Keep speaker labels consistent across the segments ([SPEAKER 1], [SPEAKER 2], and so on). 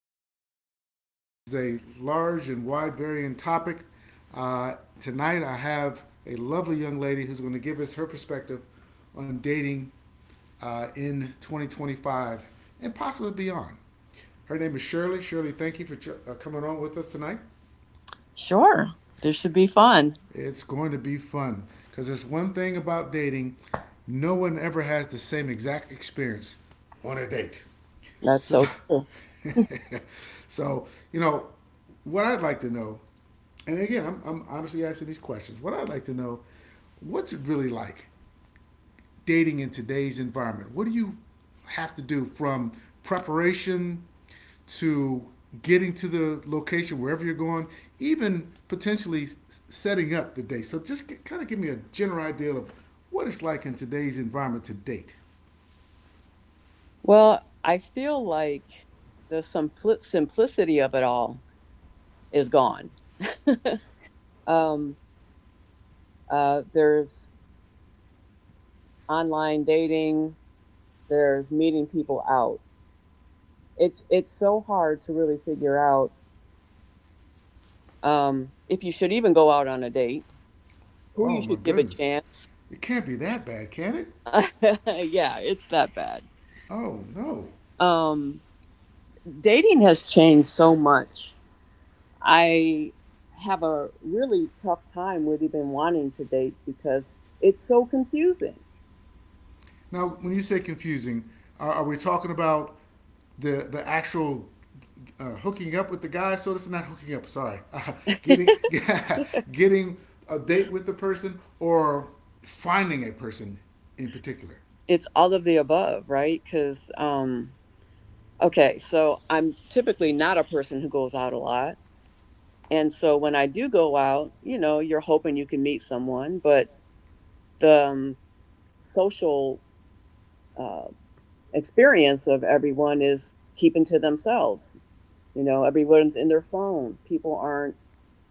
[SPEAKER 1] dating. This is a large and wide varying topic. Tonight, I have a lovely young lady who's going to give us her perspective on dating in 2025 and possibly beyond. Her name is Shirley. Shirley, thank you for coming on with us tonight.
[SPEAKER 2] Sure. This should be fun.
[SPEAKER 1] It's going to be fun because there's one thing about dating: no one ever has the same exact experience on a date.
[SPEAKER 2] That's
[SPEAKER 1] So,
[SPEAKER 2] so
[SPEAKER 1] so, what I'd like to know, and again, I'm honestly asking these questions. What I'd like to know, what's it really like dating in today's environment? What do you have to do from preparation to getting to the location wherever you're going, even potentially setting up the date? So just kind of give me a general idea of what it's like in today's environment to date.
[SPEAKER 2] well. I feel like the simplicity of it all is gone. um, there's online dating. There's meeting people out. It's so hard to really figure out, if you should even go out on a date. Who you
[SPEAKER 1] Oh my
[SPEAKER 2] should give a
[SPEAKER 1] goodness,
[SPEAKER 2] chance.
[SPEAKER 1] it can't be that bad, can it?
[SPEAKER 2] Yeah, it's that bad.
[SPEAKER 1] Oh no.
[SPEAKER 2] Um, Dating has changed so much. I have a really tough time with even wanting to date because it's so confusing.
[SPEAKER 1] Now, when you say confusing, are we talking about the actual hooking up with the guy? So this is not hooking up. Sorry, getting getting a date with the person or finding a person in particular.
[SPEAKER 2] It's all of the above, right? So I'm typically not a person who goes out a lot. And so when I do go out, you know, you're hoping you can meet someone, but the social uh, experience of everyone is keeping to themselves. You know, everyone's in their phone. People aren't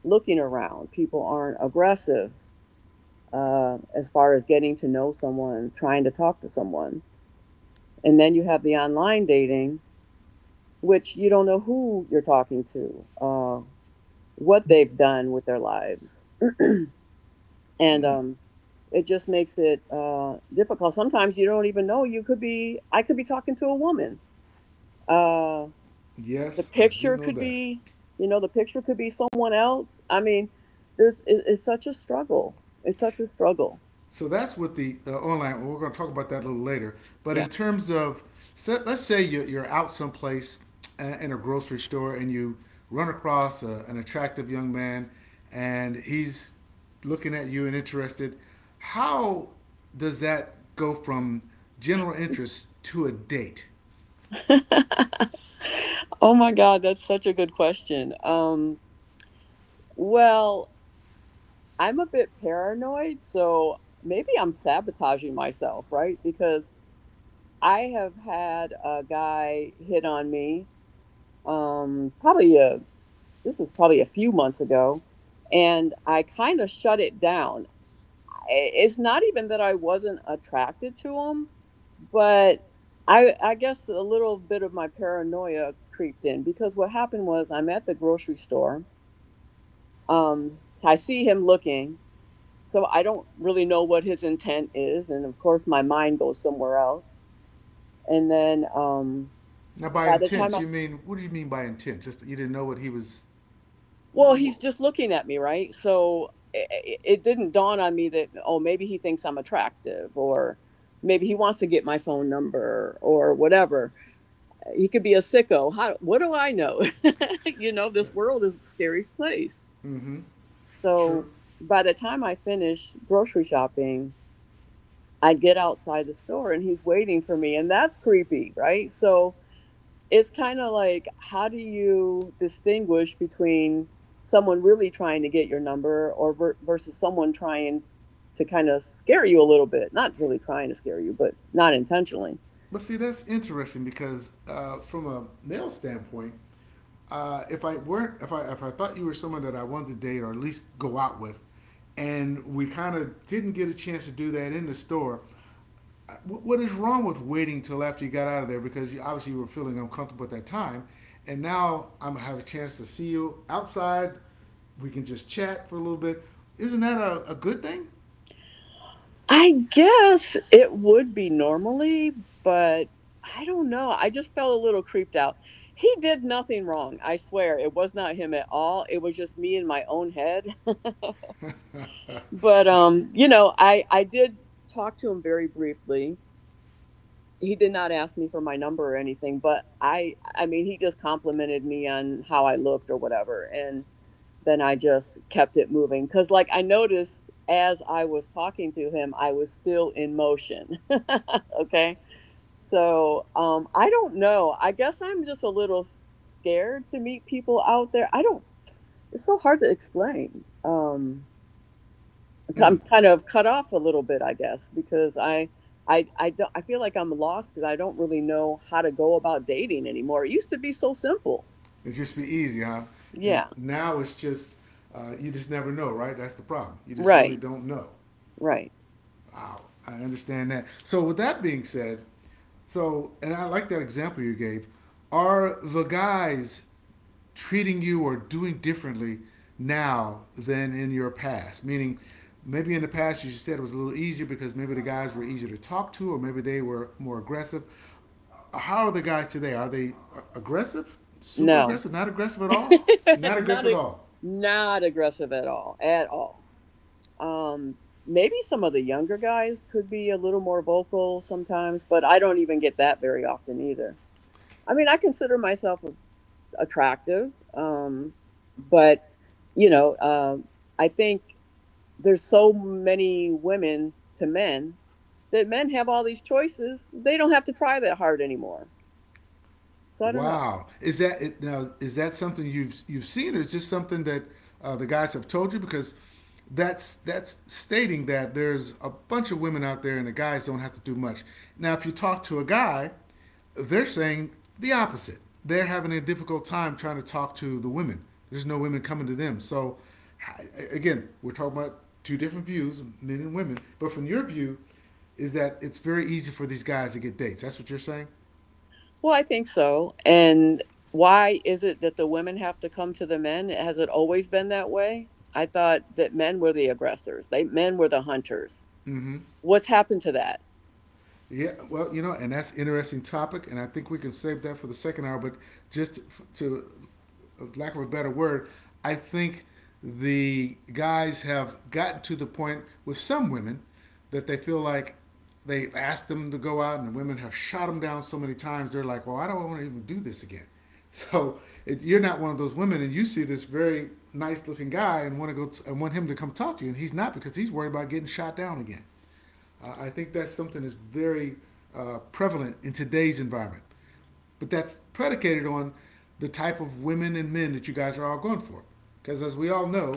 [SPEAKER 2] looking around. People aren't aggressive, as far as getting to know someone, trying to talk to someone. And then you have the online dating, which you don't know who you're talking to, what they've done with their lives. And it just makes it difficult. Sometimes you don't even know. I could be talking to a woman. Uh, the
[SPEAKER 1] Yes, I do
[SPEAKER 2] picture
[SPEAKER 1] know
[SPEAKER 2] could
[SPEAKER 1] that.
[SPEAKER 2] be, someone else. I mean, it's such a struggle. It's such a struggle.
[SPEAKER 1] So that's what the online. Well, we're going to talk about that a little later. But
[SPEAKER 2] Yeah.
[SPEAKER 1] in terms of, So let's say you're out someplace in a grocery store and you run across an attractive young man and he's looking at you and interested. How does that go from general interest to a date?
[SPEAKER 2] Oh my God, that's such a good question. Well, I'm a bit paranoid, so maybe I'm sabotaging myself, right? Because I have had a guy hit on me, um, probably a, this was probably a few months ago, and I kind of shut it down. It's not even that I wasn't attracted to him, but I guess a little bit of my paranoia creeped in because what happened was I'm at the grocery store. Um, I see him looking, so I don't really know what his intent is, and of course my mind goes somewhere else. And then
[SPEAKER 1] Now, by
[SPEAKER 2] by the time
[SPEAKER 1] intent,
[SPEAKER 2] I,
[SPEAKER 1] you mean what do you mean by intent? Just you didn't know what he was.
[SPEAKER 2] well,
[SPEAKER 1] What,
[SPEAKER 2] he's just looking at me, right? So it didn't dawn on me that, oh, maybe he thinks I'm attractive, or maybe he wants to get my phone number, or whatever. He could be a sicko. How? What do I know? You know, this world is a scary place. So
[SPEAKER 1] true.
[SPEAKER 2] by the time I finish grocery shopping, I get outside the store and he's waiting for me, and that's creepy, right? So it's kind of like, how do you distinguish between someone really trying to get your number, or versus someone trying to kind of scare you a little bit? Not really trying to scare you, but not intentionally.
[SPEAKER 1] But see, that's interesting because from a male standpoint if I weren't, if I thought you were someone that I wanted to date or at least go out with, and we kind of didn't get a chance to do that in the store, uh, what is wrong with waiting till after you got out of there? Because you obviously you were feeling uncomfortable at that time, and now I'm gonna have a chance to see you outside. We can just chat for a little bit. Isn't that a good thing?
[SPEAKER 2] I guess it would be normally, but I don't know. I just felt a little creeped out. He did nothing wrong. I swear it was not him at all. It was just me in my own head. But I did talk to him very briefly. He did not ask me for my number or anything, but I mean, he just complimented me on how I looked or whatever, and then I just kept it moving, because, like, I noticed as I was talking to him I was still in motion. Okay, so I don't know, I guess I'm just a little scared to meet people out there. I don't, it's so hard to explain. I'm
[SPEAKER 1] mm,
[SPEAKER 2] kind of cut off a little bit, I guess, because I don't I feel like I'm lost because I don't really know how to go about dating anymore. It used to be so simple.
[SPEAKER 1] it used to be easy, huh? And
[SPEAKER 2] Yeah.
[SPEAKER 1] now it's just you just never know, right? That's the problem. You just really
[SPEAKER 2] Right.
[SPEAKER 1] don't know.
[SPEAKER 2] Right.
[SPEAKER 1] Wow, I understand that. So with that being said, so and I like that example you gave. Are the guys treating you or doing differently now than in your past? Meaning, maybe in the past you said it was a little easier because maybe the guys were easier to talk to, or maybe they were more aggressive. How are the guys today? Are they aggressive? Super
[SPEAKER 2] No.
[SPEAKER 1] aggressive? Not aggressive at all? Not
[SPEAKER 2] not
[SPEAKER 1] aggressive
[SPEAKER 2] a,
[SPEAKER 1] at all.
[SPEAKER 2] not aggressive at all. At all. Um Maybe some of the younger guys could be a little more vocal sometimes, but I don't even get that very often either. I mean, I consider myself attractive, but, I think there's so many women to men that men have all these choices. They don't have to try that hard anymore. So I don't know.
[SPEAKER 1] Wow, is that now? Is that something you've seen, or is just something that the guys have told you? Because that's stating that there's a bunch of women out there, and the guys don't have to do much. Now, if you talk to a guy, they're saying the opposite. They're having a difficult time trying to talk to the women. There's no women coming to them. So, again, we're talking about two different views, men and women. But from your view, is that it's very easy for these guys to get dates? That's what you're saying.
[SPEAKER 2] Well, I think so. And why is it that the women have to come to the men? Has it always been that way? I thought that men were the aggressors. They Men were the hunters. What's happened to that?
[SPEAKER 1] Yeah, well, you know, and that's an interesting topic, and I think we can save that for the second hour. But just to, lack of a better word, I think the guys have gotten to the point with some women that they feel like they've asked them to go out, and the women have shot them down so many times. They're like, "Well, I don't want to even do this again." So it, you're not one of those women, and you see this very nice-looking guy and want to go and want him to come talk to you, and he's not because he's worried about getting shot down again. I think that's something that's very prevalent in today's environment. But that's predicated on the type of women and men that you guys are all going for. Because as we all know,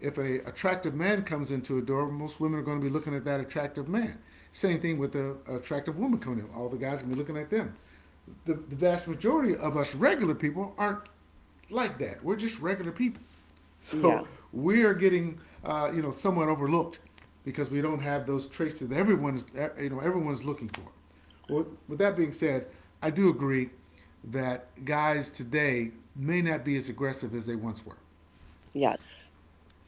[SPEAKER 1] if an attractive man comes into a door, most women are going to be looking at that attractive man. Same thing with an attractive woman coming in. All the guys are going to be looking at them. The vast majority of us regular people aren't like that. We're just regular people.
[SPEAKER 2] Yeah.
[SPEAKER 1] So we are getting, you know, somewhat overlooked because we don't have those traits that everyone's, you know, everyone's looking for. Well, with that being said, I do agree that guys today may not be as aggressive as they once were,
[SPEAKER 2] Yes.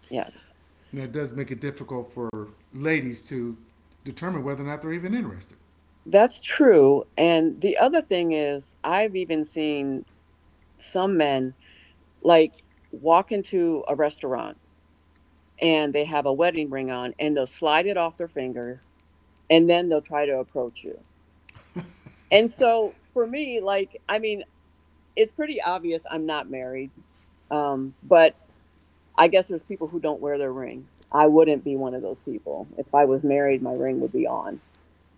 [SPEAKER 2] Yes.
[SPEAKER 1] and that does make it difficult for ladies to determine whether or not they're even interested.
[SPEAKER 2] That's true. And the other thing is I've even seen some men, like, walk into a restaurant, and they have a wedding ring on, and they'll slide it off their fingers, and then they'll try to approach you. And so, for me, like, I mean, it's pretty obvious I'm not married, but I guess there's people who don't wear their rings. I wouldn't be one of those people. If I was married, my ring would be on.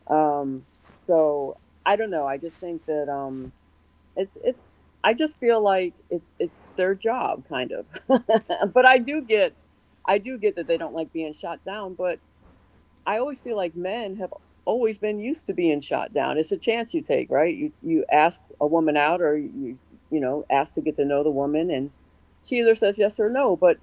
[SPEAKER 2] Um, so I don't know. I just think that it's it's. I just feel like it's their job, kind of. But I do get that they don't like being shot down. But I always feel like men have always been used to being shot down. It's a chance you take, right? You ask a woman out, or you know, ask to get to know the woman, and she either says yes or no. But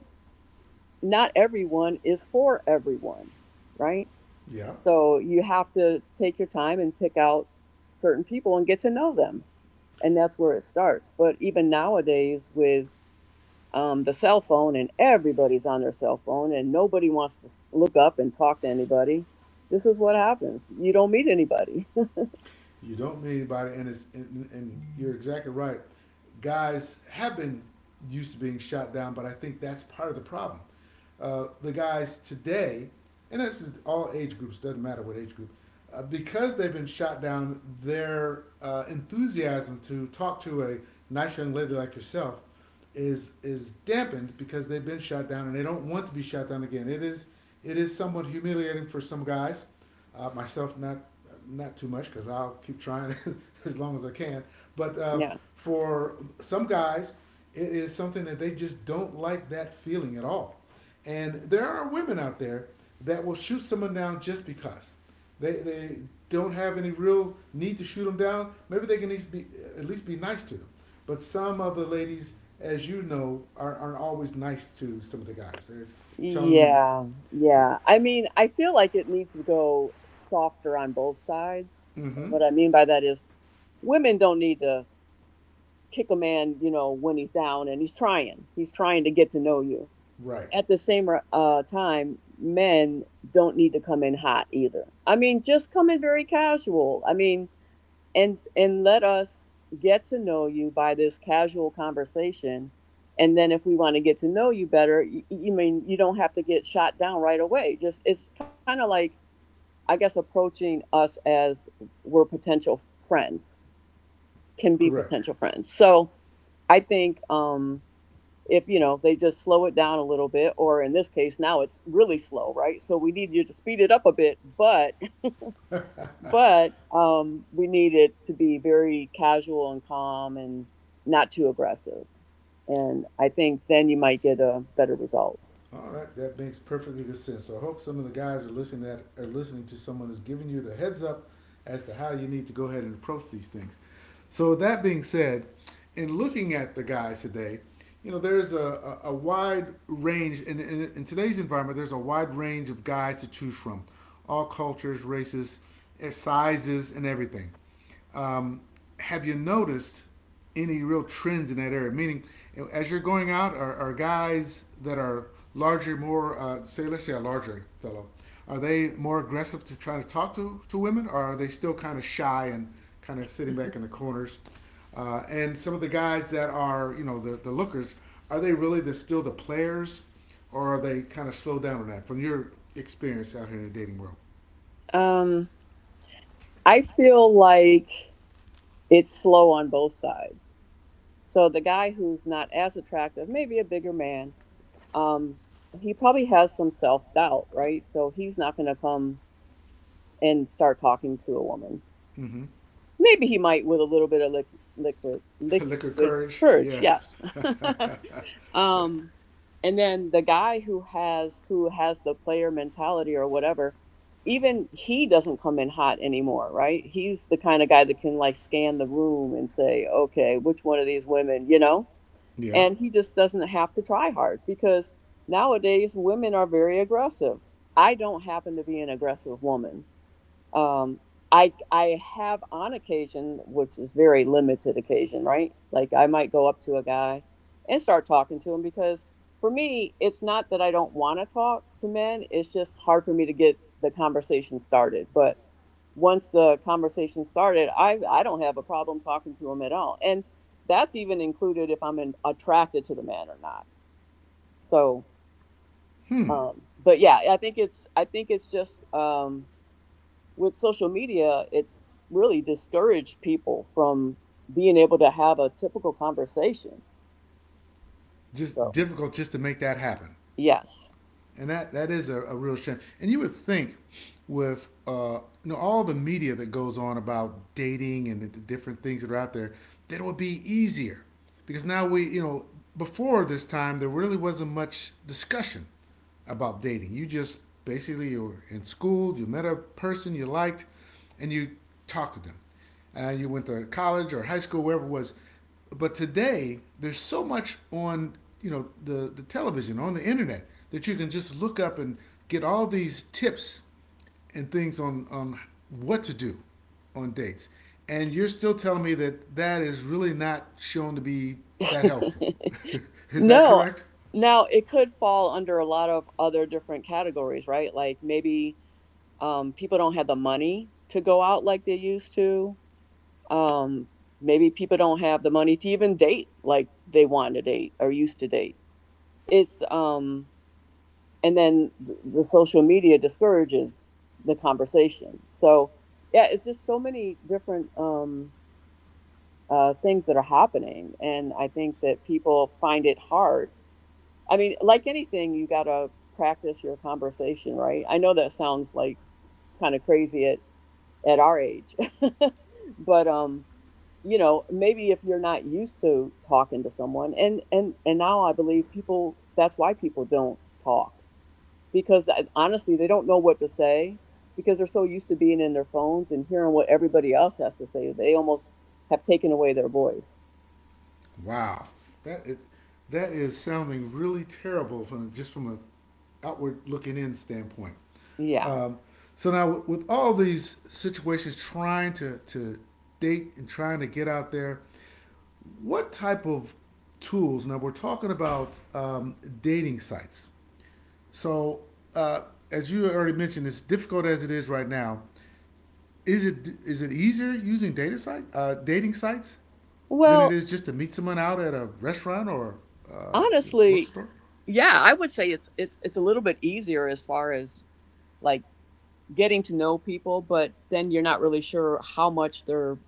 [SPEAKER 2] not everyone is for everyone, right?
[SPEAKER 1] Yeah.
[SPEAKER 2] So you have to take your time and pick out certain people and get to know them, and that's where it starts. But even nowadays, with, the cell phone, and everybody's on their cell phone, and nobody wants to look up and talk to anybody. This is what happens. You don't meet anybody.
[SPEAKER 1] You don't meet anybody, and and you're exactly right. Guys have been used to being shot down, but I think that's part of the problem. The guys today, and this is all age groups, doesn't matter what age group, because they've been shot down, their enthusiasm to talk to a nice young lady like yourself is dampened because they've been shot down and they don't want to be shot down again. It is somewhat humiliating for some guys, myself not too much because I'll keep trying as long as I can. But
[SPEAKER 2] Yeah.
[SPEAKER 1] for some guys, it is something that they just don't like that feeling at all. And there are women out there that will shoot someone down just because they don't have any real need to shoot them down. Maybe they can at least be nice to them. But some of the ladies, as you know, aren't always nice to some of the guys. They're telling them,
[SPEAKER 2] Yeah. Yeah. I mean, I feel like it needs to go softer on both sides. And
[SPEAKER 1] mm-hmm,
[SPEAKER 2] what I mean by that is women don't need to kick a man, you know, when he's down and he's trying. He's trying to get to know you.
[SPEAKER 1] right,
[SPEAKER 2] At the same, time, men don't need to come in hot either. I mean, just come in very casual. I mean, and let us get to know you by this casual conversation. And then if we want to get to know you better, you mean you don't have to get shot down right away. Just, it's kind of like, I guess, approaching us as we're potential friends can be
[SPEAKER 1] correct.
[SPEAKER 2] potential friends. So I think, if you know, they just slow it down a little bit, or in this case now it's really slow, right? So we need you to speed it up a bit, but we need it to be very casual and calm and not too aggressive, and I think then you might get a better results.
[SPEAKER 1] All right, that makes perfectly good sense. So I hope some of the guys are listening that are listening to someone who's giving you the heads up as to how you need to go ahead and approach these things. So that being said, in looking at the guys today, you know there's a wide range in today's environment. There's a wide range of guys to choose from, all cultures, races, sizes, and everything. Um, have you noticed any real trends in that area? Meaning, you know, as you're going out, are guys that are larger, more say, let's say a larger fellow, are they more aggressive to trying to talk to women, or are they still kind of shy and kind of sitting back in the corners? And some of the guys that are, you know, the lookers, are they really the, still the players, or are they kind of slowed down on that from your experience out here in the dating world?
[SPEAKER 2] um I feel like it's slow on both sides. So the guy who's not as attractive, maybe a bigger man, um he probably has some self-doubt, right? So he's not going to come and start talking to a woman.
[SPEAKER 1] Mm-hmm.
[SPEAKER 2] Maybe he might with a little bit of lic- liquid
[SPEAKER 1] Liquid
[SPEAKER 2] liquid
[SPEAKER 1] courage.
[SPEAKER 2] courage,
[SPEAKER 1] Yeah.
[SPEAKER 2] yes. um and then the guy who has the player mentality or whatever, even he doesn't come in hot anymore, right? He's the kind of guy that can, like, scan the room and say, okay, which one of these women, you know.
[SPEAKER 1] Yeah.
[SPEAKER 2] And he just doesn't have to try hard because nowadays women are very aggressive. I don't happen to be an aggressive woman. Um, I have, on occasion, which is very limited occasion, right? Like, I might go up to a guy and start talking to him, because, for me, it's not that I don't want to talk to men. It's just hard for me to get the conversation started. But once the conversation started, I don't have a problem talking to him at all, and that's even included if attracted to the man or not. So, I think it's just, with social media, it's really discouraged people from being able to have a typical conversation.
[SPEAKER 1] Just
[SPEAKER 2] So
[SPEAKER 1] difficult just to make that happen.
[SPEAKER 2] yes.
[SPEAKER 1] And that is a real shame. And you would think with you know all the media that goes on about dating and the different things that are out there, that it would be easier. Because now we, you know, before this time, there really wasn't much discussion about dating. You just basically you were in school, you met a person you liked, and you talked to them. Uh, you went to college or high school, wherever it was. But today, there's so much on you know the television, on the internet, that you can just look up and get all these tips and things on what to do on dates. And you're still telling me that that is really not shown to be that helpful. Is that
[SPEAKER 2] No.
[SPEAKER 1] correct?
[SPEAKER 2] Now it could fall under a lot of other different categories, right? Like, maybe, people don't have the money to go out like they used to. Um, Maybe people don't have the money to even date like they want to date or used to date. It's And then the social media discourages the conversation. So, yeah, it's just so many different, things that are happening, and I think that people find it hard. I mean, like anything, you gotta practice your conversation, right? I know that sounds like kind of crazy at our age. But, you know, maybe if you're not used to talking to someone, and now I believe people, that's why people don't talk, because honestly they don't know what to say, because they're so used to being in their phones and hearing what everybody else has to say. They almost have taken away their voice.
[SPEAKER 1] Wow, that it, that is sounding really terrible from just from a outward looking in standpoint.
[SPEAKER 2] Yeah.
[SPEAKER 1] Um, so now with all these situations, trying to date and trying to get out there, what type of tools? Now we're talking about dating sites. So uh, as you already mentioned, as difficult as it is right now, is it easier using data site dating sites than it
[SPEAKER 2] Well,
[SPEAKER 1] is just to meet someone out at a restaurant or uh, grocery
[SPEAKER 2] honestly,
[SPEAKER 1] store.
[SPEAKER 2] yeah, I would say it's a little bit easier as far as like getting to know people, but then you're not really sure how much they're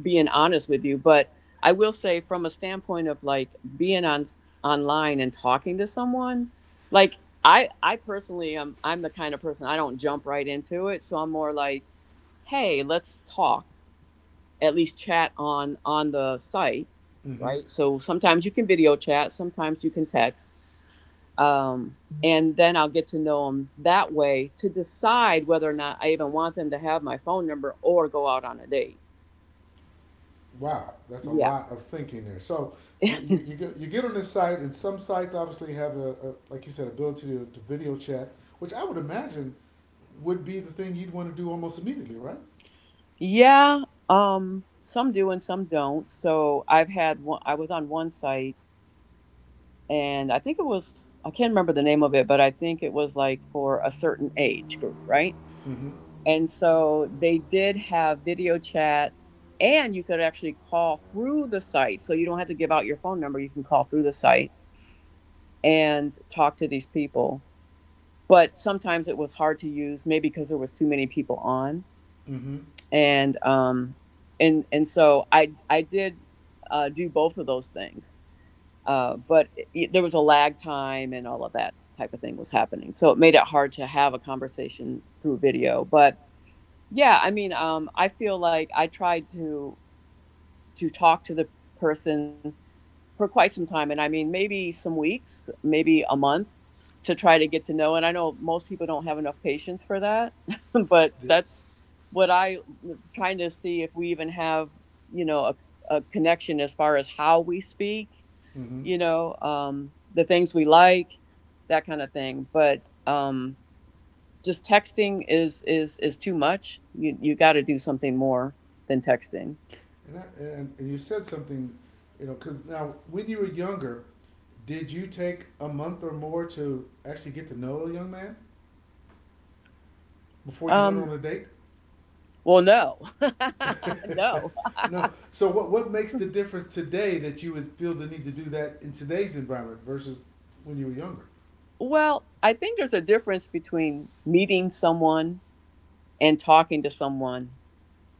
[SPEAKER 2] being honest with you. But I will say from a standpoint of like being on online and talking to someone, like I personally am I'm the kind of person I don't jump right into it, so I'm more like, hey, let's talk, at least chat on the site,
[SPEAKER 1] Mm-hmm.
[SPEAKER 2] right? So sometimes you can video chat, sometimes you can text. Um, and then I'll get to know them that way to decide whether or not I even want them to have my phone number or go out on a date.
[SPEAKER 1] Wow, that's a
[SPEAKER 2] Yeah.
[SPEAKER 1] lot of thinking there. So you, you get on this site, and some sites obviously have a like you said ability to video chat, which I would imagine would be the thing you'd want to do almost immediately, right?
[SPEAKER 2] Yeah, some do and some don't. So I've had one, I was on one site, and I think it was, I can't remember the name of it, but I think it was like for a certain age group, right?
[SPEAKER 1] Mm-hmm.
[SPEAKER 2] And so they did have video chat, and you could actually call through the site. So you don't have to give out your phone number. You can call through the site and talk to these people. But sometimes it was hard to use, maybe because there was too many people on.
[SPEAKER 1] Mm-hmm.
[SPEAKER 2] And and so I did do both of those things. But it, there was a lag time and all of that type of thing was happening, so it made it hard to have a conversation through video. But yeah, I mean, I feel like I tried to talk to the person for quite some time. And I mean, maybe some weeks, maybe a month, to try to get to know. And I know most people don't have enough patience for that, but
[SPEAKER 1] The,
[SPEAKER 2] that's what I trying to see if we even have, you know, a connection as far as how we speak,
[SPEAKER 1] mm-hmm.
[SPEAKER 2] you know, the things we like, that kind of thing. But just texting is too much. You got to do something more than texting.
[SPEAKER 1] And, I, and you said something, because now when you were younger, did you take a month or more to actually get to know a young man before you went on
[SPEAKER 2] Um,
[SPEAKER 1] a date?
[SPEAKER 2] well, no, no.
[SPEAKER 1] No. So what makes the difference today that you would feel the need to do that in today's environment versus when you were younger?
[SPEAKER 2] Well, I think there's a difference between meeting someone and talking to someone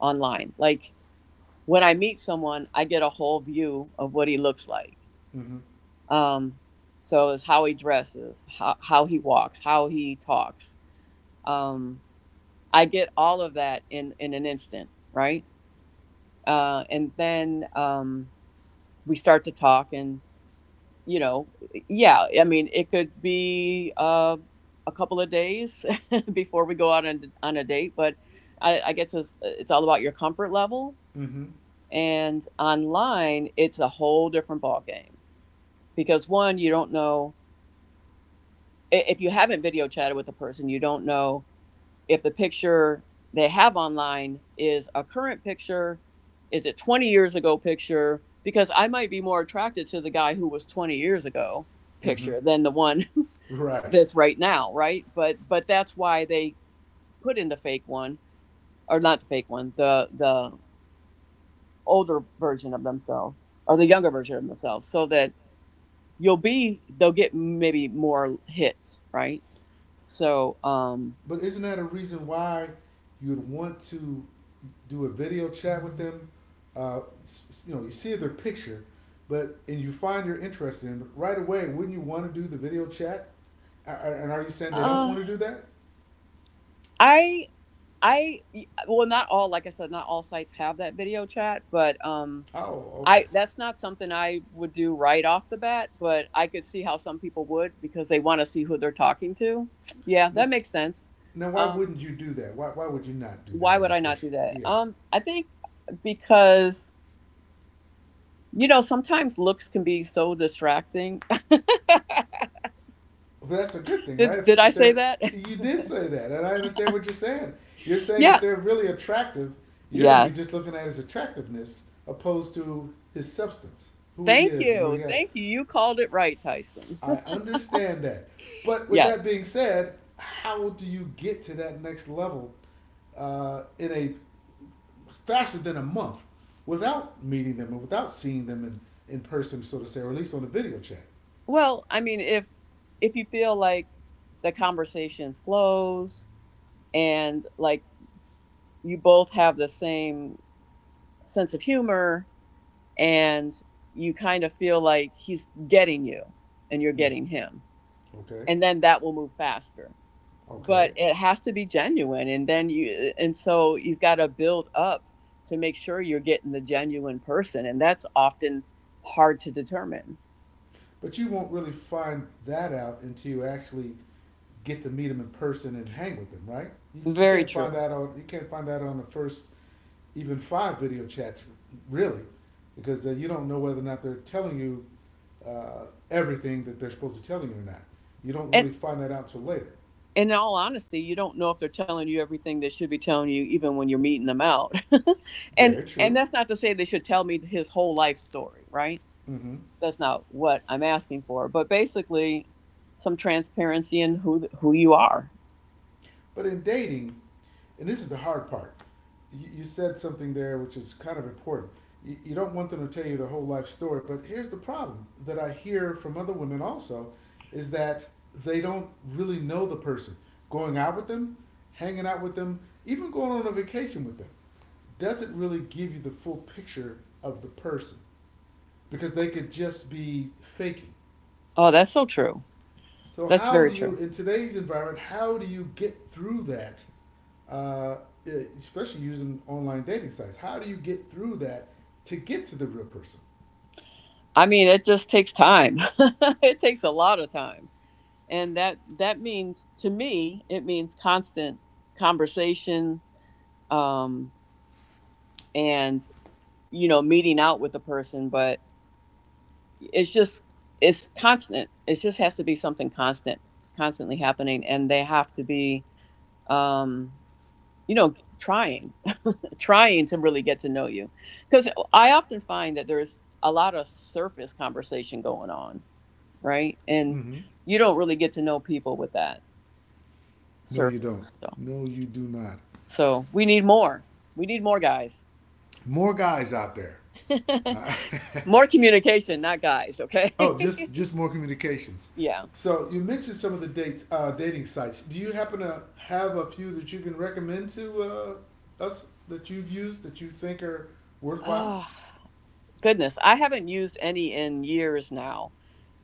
[SPEAKER 2] online. Like when I meet someone, I get a whole view of what he looks like.
[SPEAKER 1] Mm-hmm.
[SPEAKER 2] Um, so it's how he dresses, how he walks, how he talks. Um, I get all of that in an instant, right? And then we start to talk, and you know, yeah, I mean, it could be a couple of days before we go out on a date. But I guess it's all about your comfort level.
[SPEAKER 1] Mm-hmm.
[SPEAKER 2] And online, it's a whole different ballgame, because one, you don't know if you haven't video chatted with a person, you don't know if the picture they have online is a current picture, is it 20 years ago picture? Because I might be more attracted to the guy who was 20 years ago
[SPEAKER 1] Mm-hmm.
[SPEAKER 2] picture than the one
[SPEAKER 1] Right.
[SPEAKER 2] that's right now, right? But that's why they put in the fake one, or not the fake one, the older version of themselves or the younger version of themselves, so that you'll be they'll get maybe more hits, right? So
[SPEAKER 1] But isn't that a reason why you'd want to do a video chat with them? Uh, you see their picture, but and you find you're interested in them right away. Wouldn't you want to do the video chat? And are you saying they don't
[SPEAKER 2] uh
[SPEAKER 1] want to do that?
[SPEAKER 2] I I well, not all, like I said, not all sites have that video chat. But
[SPEAKER 1] Oh, okay.
[SPEAKER 2] I, that's not something I would do right off the bat, but I could see how some people would because they want to see who they're talking to. Yeah,
[SPEAKER 1] No,
[SPEAKER 2] that makes sense.
[SPEAKER 1] Now, why
[SPEAKER 2] Um,
[SPEAKER 1] wouldn't you do that? Why would you not do that
[SPEAKER 2] why
[SPEAKER 1] on
[SPEAKER 2] would
[SPEAKER 1] the
[SPEAKER 2] I not
[SPEAKER 1] first?
[SPEAKER 2] do that?
[SPEAKER 1] Yeah,
[SPEAKER 2] I think because you know sometimes looks can be so distracting.
[SPEAKER 1] but that's a good thing, right? If
[SPEAKER 2] Did I
[SPEAKER 1] if
[SPEAKER 2] say
[SPEAKER 1] they're
[SPEAKER 2] that?
[SPEAKER 1] you did say that, and I understand what you're saying. You're saying if
[SPEAKER 2] yeah.
[SPEAKER 1] they're really attractive, you're going to be
[SPEAKER 2] Yes.
[SPEAKER 1] just looking at his attractiveness opposed to his substance, who he
[SPEAKER 2] Thank
[SPEAKER 1] is, and what he
[SPEAKER 2] you.
[SPEAKER 1] has.
[SPEAKER 2] Thank you. You called it right, Tyson.
[SPEAKER 1] I understand that, but with
[SPEAKER 2] yes.
[SPEAKER 1] that being said, how do you get to that next level in a faster than a month without meeting them and without seeing them in person, so to say, or at least on a video chat?
[SPEAKER 2] Well, I mean, if you feel like the conversation flows, and like you both have the same sense of humor, and you kind of feel like he's getting you and you're
[SPEAKER 1] Mm.
[SPEAKER 2] getting him,
[SPEAKER 1] Okay,
[SPEAKER 2] and then that will move faster. But
[SPEAKER 1] okay.
[SPEAKER 2] it has to be genuine, and then you and so you've got to build up to make sure you're getting the genuine person, and that's often hard to determine.
[SPEAKER 1] But you won't really find that out until you actually get to meet them in person and hang with them, right? You
[SPEAKER 2] Very
[SPEAKER 1] can't find
[SPEAKER 2] true.
[SPEAKER 1] that out. You can't find that on the first even five video chats, really, because you don't know whether or not they're telling you everything that they're supposed to tell you or not. You don't
[SPEAKER 2] And
[SPEAKER 1] really find that out till later.
[SPEAKER 2] in all honesty, you don't know if they're telling you everything they should be telling you, even when you're meeting them out.
[SPEAKER 1] They're
[SPEAKER 2] And
[SPEAKER 1] true.
[SPEAKER 2] that's not to say they should tell me his whole life story, right?
[SPEAKER 1] Mm-hmm.
[SPEAKER 2] That's not what I'm asking for. But basically, some transparency in who you are.
[SPEAKER 1] But in dating, and this is the hard part, you said something there which is kind of important. You don't want them to tell you their whole life story, but here's the problem that I hear from other women also is that they don't really know the person. Going out with them, hanging out with them, even going on a vacation with them doesn't really give you the full picture of the person because they could just be faking.
[SPEAKER 2] Oh, that's so true.
[SPEAKER 1] So
[SPEAKER 2] That's
[SPEAKER 1] how
[SPEAKER 2] very
[SPEAKER 1] do you
[SPEAKER 2] true.
[SPEAKER 1] in today's environment? How do you get through that? Uh, especially using online dating sites. How do you get through that to get to the real person?
[SPEAKER 2] I mean, it just takes time. it takes a lot of time, and that that means to me, it means constant conversation, um, and you know meeting out with the person. But it's just it's constant, it just has to be something constant constantly happening, and they have to be, um you know, trying, trying to really get to know you. Because I often find that there's a lot of surface conversation going on, right? And
[SPEAKER 1] Mm-hmm.
[SPEAKER 2] you don't really get to know people with that
[SPEAKER 1] No, you don't.
[SPEAKER 2] surface. So
[SPEAKER 1] No, you do not.
[SPEAKER 2] so we need more, we need more guys.
[SPEAKER 1] More guys out there. Uh,
[SPEAKER 2] more communication, not guys, okay.
[SPEAKER 1] oh, just more communications.
[SPEAKER 2] yeah.
[SPEAKER 1] So you mentioned some of the dates, dating sites. Do you happen to have a few that you can recommend to us that you've used that you think are worthwhile?
[SPEAKER 2] Oh, goodness, I haven't used any in years now.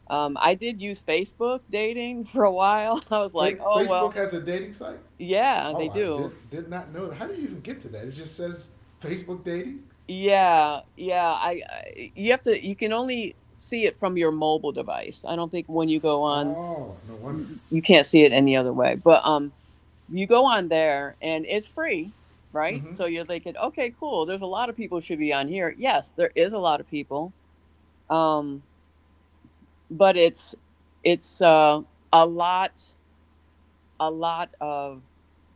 [SPEAKER 2] I did use Facebook dating for a while. I was like,
[SPEAKER 1] Fa-
[SPEAKER 2] oh,
[SPEAKER 1] Facebook
[SPEAKER 2] well,
[SPEAKER 1] has a dating site.
[SPEAKER 2] yeah,
[SPEAKER 1] Oh,
[SPEAKER 2] they
[SPEAKER 1] I did
[SPEAKER 2] do.
[SPEAKER 1] did not know that. How do you even get to that? It just says Facebook dating.
[SPEAKER 2] Yeah, yeah. I you have to, you can only see it from your mobile device. I don't think when you go on
[SPEAKER 1] Oh, no wonder.
[SPEAKER 2] you, you can't see it any other way. But you go on there and it's free, right?
[SPEAKER 1] Mm-hmm.
[SPEAKER 2] So you're thinking, okay, cool. There's a lot of people who should be on here. Yes, there is a lot of people. Um but it's a lot, a lot of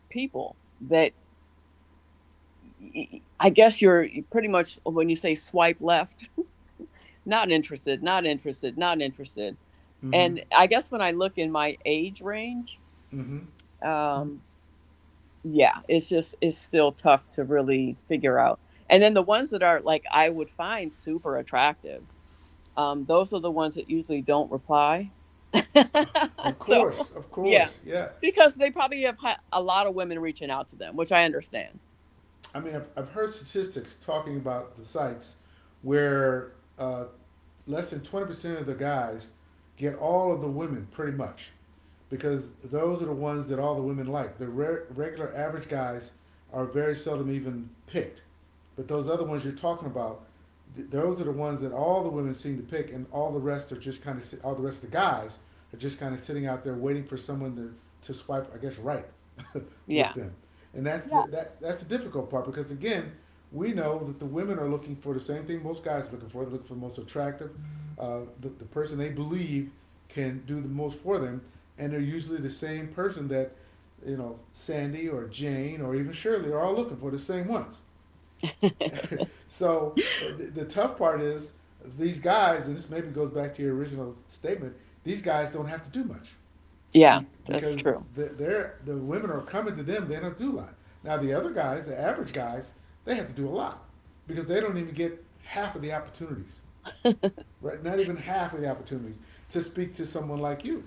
[SPEAKER 2] people that I guess you're pretty much when you say swipe left, not interested, not interested, not interested.
[SPEAKER 1] Mm-hmm.
[SPEAKER 2] And I guess when I look in my age range,
[SPEAKER 1] Mm-hmm.
[SPEAKER 2] um, yeah, it's just it's still tough to really figure out. And then the ones that are like I would find super attractive, those are the ones that usually don't reply.
[SPEAKER 1] Of
[SPEAKER 2] so
[SPEAKER 1] course, of
[SPEAKER 2] yeah,
[SPEAKER 1] course. Yeah.
[SPEAKER 2] because they probably have a lot of women reaching out to them, which I understand.
[SPEAKER 1] I mean, I've heard statistics talking about the sites where uh, less than 20% of the guys get all of the women pretty much because those are the ones that all the women like. The regular average guys are very seldom even picked. But those other ones you're talking about, those are the ones that all the women seem to pick, and all the rest are just kind of si- all the rest of the guys are just kind of sitting out there waiting for someone to swipe, I guess, right, with
[SPEAKER 2] Yeah.
[SPEAKER 1] them, and that's the
[SPEAKER 2] Yeah.
[SPEAKER 1] difficult part because again, we know that the women are looking for the same thing most guys are looking for. They're looking for the most attractive, the person they believe can do the most for them, and they're usually the same person that, Sandy or Jane or even Shirley are all looking for the same ones. So the tough part is these guys, and this maybe goes back to your original statement. These guys don't have to do much,
[SPEAKER 2] Yeah,
[SPEAKER 1] be,
[SPEAKER 2] that's
[SPEAKER 1] because
[SPEAKER 2] true.
[SPEAKER 1] the, the women are coming to them. They don't do a lot. Now the other guys, the average guys, they have to do a lot because they don't even get half of the opportunities, right? Not even half of the opportunities to speak to someone like you.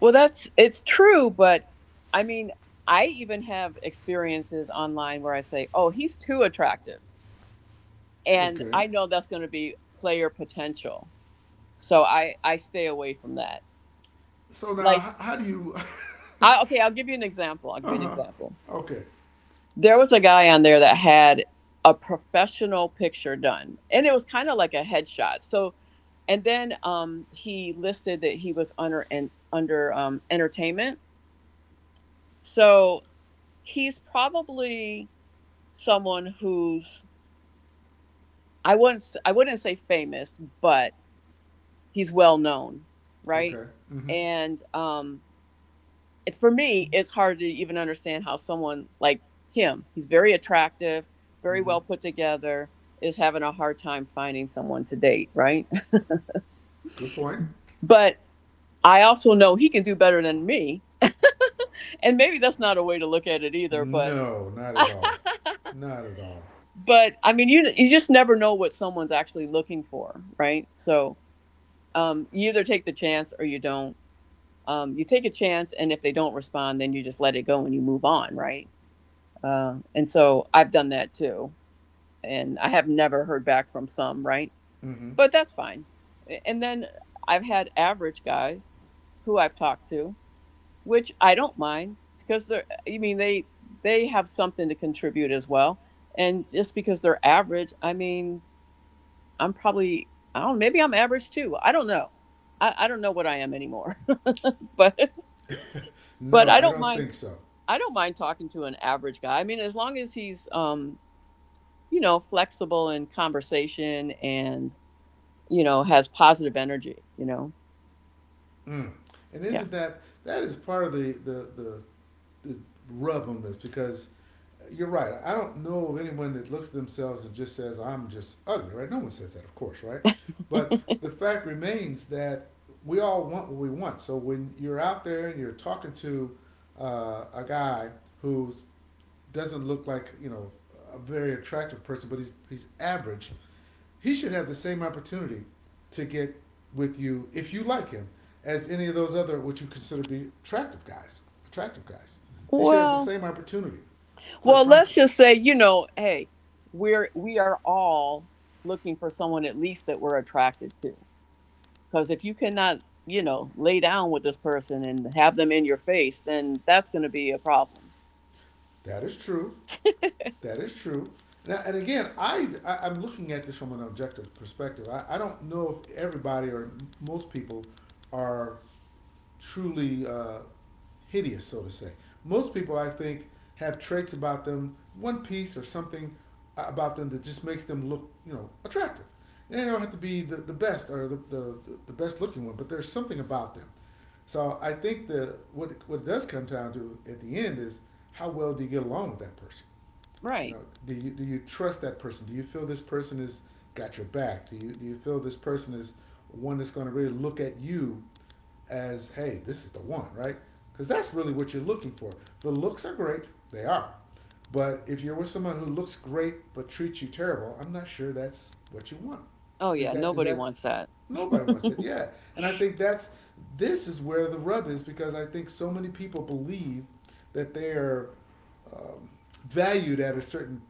[SPEAKER 2] Well, that's it's true, but I mean, I even have experiences online where I say, "Oh, he's too attractive." And
[SPEAKER 1] Okay.
[SPEAKER 2] I know that's going to be player potential. So I stay away from that.
[SPEAKER 1] So now,
[SPEAKER 2] Like,
[SPEAKER 1] how do you?
[SPEAKER 2] I okay, I'll give you an example. I'll give you an example.
[SPEAKER 1] Okay.
[SPEAKER 2] There was a guy on there that had a professional picture done, and it was kind of like a headshot. So and then he listed that he was under and under entertainment. So he's probably someone who's I wouldn't I wouldn't say famous, but he's well known, right?
[SPEAKER 1] Okay. Mm-hmm.
[SPEAKER 2] And it, for me, it's hard to even understand how someone like him, he's very attractive, very
[SPEAKER 1] Mm-hmm.
[SPEAKER 2] well put together, is having a hard time finding someone to date, right?
[SPEAKER 1] Good point.
[SPEAKER 2] But I also know he can do better than me, and maybe that's not a way to look at it either, but.
[SPEAKER 1] No, not at all. Not at all.
[SPEAKER 2] but I mean, you just never know what someone's actually looking for, right? So you either take the chance or you don't. You take a chance, and if they don't respond, then you just let it go and you move on, right? And so I've done that too, and I have never heard back from some, right?
[SPEAKER 1] Hmm.
[SPEAKER 2] But that's fine. And then I've had average guys who I've talked to, which I don't mind because they're. I mean, they have something to contribute as well. And just because they're average, I mean, I'm probably I don't maybe I'm average too. I don't know. I don't know what I am anymore. but but
[SPEAKER 1] No,
[SPEAKER 2] I
[SPEAKER 1] I
[SPEAKER 2] don't
[SPEAKER 1] don't
[SPEAKER 2] mind,
[SPEAKER 1] think so.
[SPEAKER 2] I don't mind talking to an average guy. I mean, as long as he's, you know, flexible in conversation and, you know, has positive energy, you know.
[SPEAKER 1] Mm. And
[SPEAKER 2] Yeah.
[SPEAKER 1] isn't that that is part of the rub on this because you're right. I don't know of anyone that looks at themselves and just says, "I'm just ugly," right? No one says that, of course, right? But the fact remains that we all want what we want. So when you're out there and you're talking to a guy who's doesn't look like, a very attractive person, but he's average. He should have the same opportunity to get with you if you like him as any of those other what you consider to be attractive guys. Attractive guys, they should have the
[SPEAKER 2] Well,
[SPEAKER 1] same opportunity. Quite
[SPEAKER 2] well, let's
[SPEAKER 1] frankly,
[SPEAKER 2] just say, you know, hey, we're we are all looking for someone at least that we're attracted to. Because if you cannot, you know, lay down with this person and have them in your face, then that's going to be a problem.
[SPEAKER 1] that is true. That is true. Now, and again, I am looking at this from an objective perspective. I don't know if everybody or most people are truly hideous, so to say. Most people, I think, have traits about them, one piece or something about them that just makes them look, attractive. And they don't have to be the best or the best looking one, but there's something about them. So I think the what it does come down to at the end is how well do you get along with that person? You
[SPEAKER 2] Right.
[SPEAKER 1] know, do you trust that person? Do you feel this person has got your back? Do you feel this person is one that's going to really look at you as, hey, this is the one, right? Because that's really what you're looking for. The looks are great, they are, but if you're with someone who looks great but treats you terrible, I'm not sure that's what you want.
[SPEAKER 2] Oh,
[SPEAKER 1] Is
[SPEAKER 2] yeah.
[SPEAKER 1] that is
[SPEAKER 2] Nobody
[SPEAKER 1] that
[SPEAKER 2] wants that.
[SPEAKER 1] nobody wants it? Yeah, and I think that's this is where the rub is because I think so many people believe that they are um, valued at a certain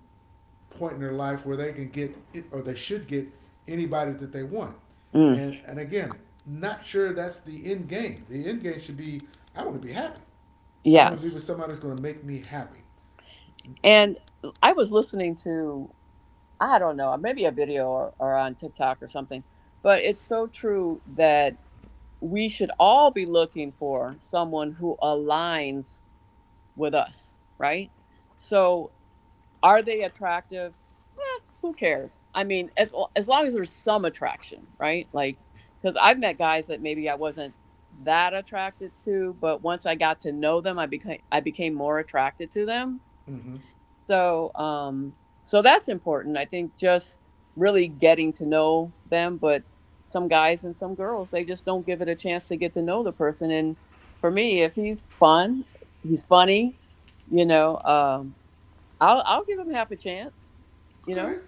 [SPEAKER 1] point in their life where they can get it, or they should get anybody that they want.
[SPEAKER 2] Mm,
[SPEAKER 1] And again, not sure that's the end game. The end game should be I want to be happy. I want to be with
[SPEAKER 2] yes.
[SPEAKER 1] somebody who's going to make me happy.
[SPEAKER 2] And I was listening to, I don't know, maybe a video or on TikTok or something, but it's so true that we should all be looking for someone who aligns with us, right? So are they attractive? Eh, who cares? I mean, as long as there's some attraction, right? Like, because I've met guys that maybe I wasn't that attracted to, but once I got to know them, I became more attracted to them.
[SPEAKER 1] Mm-hmm.
[SPEAKER 2] So, um, so that's important. I think just really getting to know them, but some guys and some girls they just don't give it a chance to get to know the person. And for me, if he's fun, he's funny, you know. Um, I'll give him half a chance. You know?
[SPEAKER 1] Okay.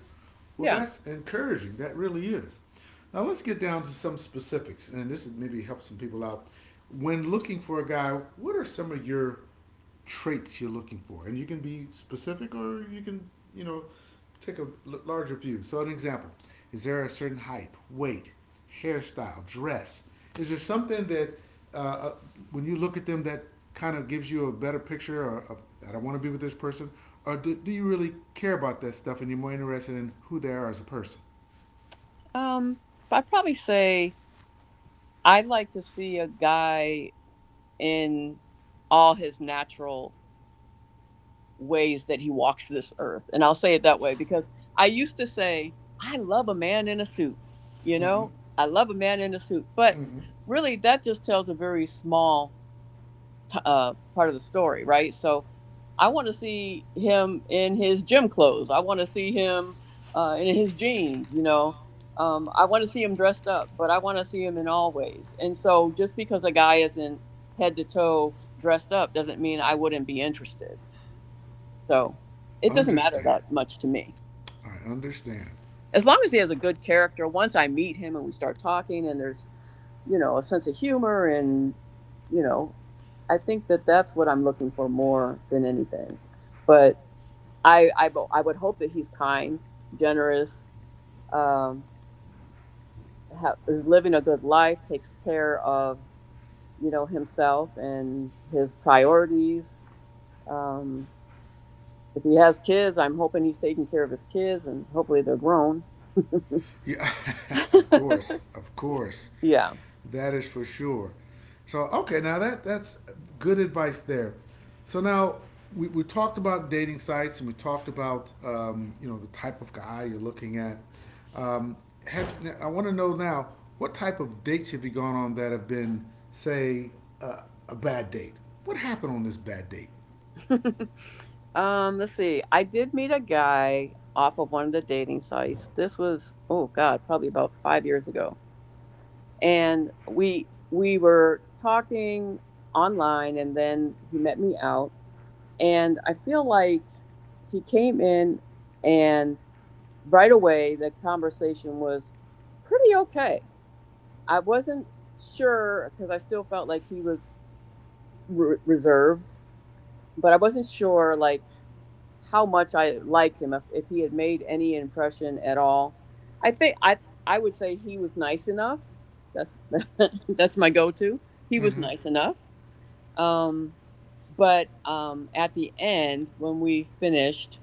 [SPEAKER 1] Well,
[SPEAKER 2] Yeah.
[SPEAKER 1] that's encouraging. That really is. Now let's get down to some specifics, and this is maybe help some people out. When looking for a guy, what are some of your traits you're looking for? And you can be specific, or you can, you know, take a larger view. So, an example: Is there a certain height, weight, hairstyle, dress? Is there something that uh, uh, when you look at them that kind of gives you a better picture of that I want to be with this person? Or do you really care about that stuff and you're more interested in who they are as a person?
[SPEAKER 2] Um, I'd probably say I'd like to see a guy in all his natural ways that he walks this earth. And I'll say it that way because I used to say, I love a man in a suit. You
[SPEAKER 1] Mm-hmm.
[SPEAKER 2] know, I love a man in a suit. But
[SPEAKER 1] Mm-hmm.
[SPEAKER 2] really, that just tells a very small part of the story, right? So I want to see him in his gym clothes. I want to see him in his jeans, you know. I want to see him dressed up, but I want to see him in all ways. And so just because a guy isn't head to toe dressed up doesn't mean I wouldn't be interested. So it doesn't matter
[SPEAKER 1] Understand.
[SPEAKER 2] that much to me.
[SPEAKER 1] I understand.
[SPEAKER 2] As long as he has a good character, once I meet him and we start talking and there's a sense of humor and, you know, I think that that's what I'm looking for more than anything. But I would hope that he's kind, generous, um, is living a good life, takes care of, you know, himself and his priorities. Um, if he has kids, I'm hoping he's taking care of his kids and hopefully they're grown.
[SPEAKER 1] Yeah, of course,
[SPEAKER 2] yeah.
[SPEAKER 1] that is for sure. So okay, now that's good advice there. So now we talked about dating sites and we talked about the type of guy you're looking at. Um, have I want to know now what type of dates have you gone on that have been, say, uh, a bad date? What happened on this bad date?
[SPEAKER 2] Let's see. I did meet a guy off of one of the dating sites. This was oh god, probably about 5 years ago. And we were talking online and then he met me out. And I feel like he came in and right away the conversation was pretty okay. I wasn't sure because I still felt like he was reserved, but I wasn't sure like how much I liked him if, he had made any impression at all. I think I would say he was nice enough. That's that's my go-to. He was
[SPEAKER 1] Hmm.
[SPEAKER 2] nice enough. Um, but at the end, when we finished,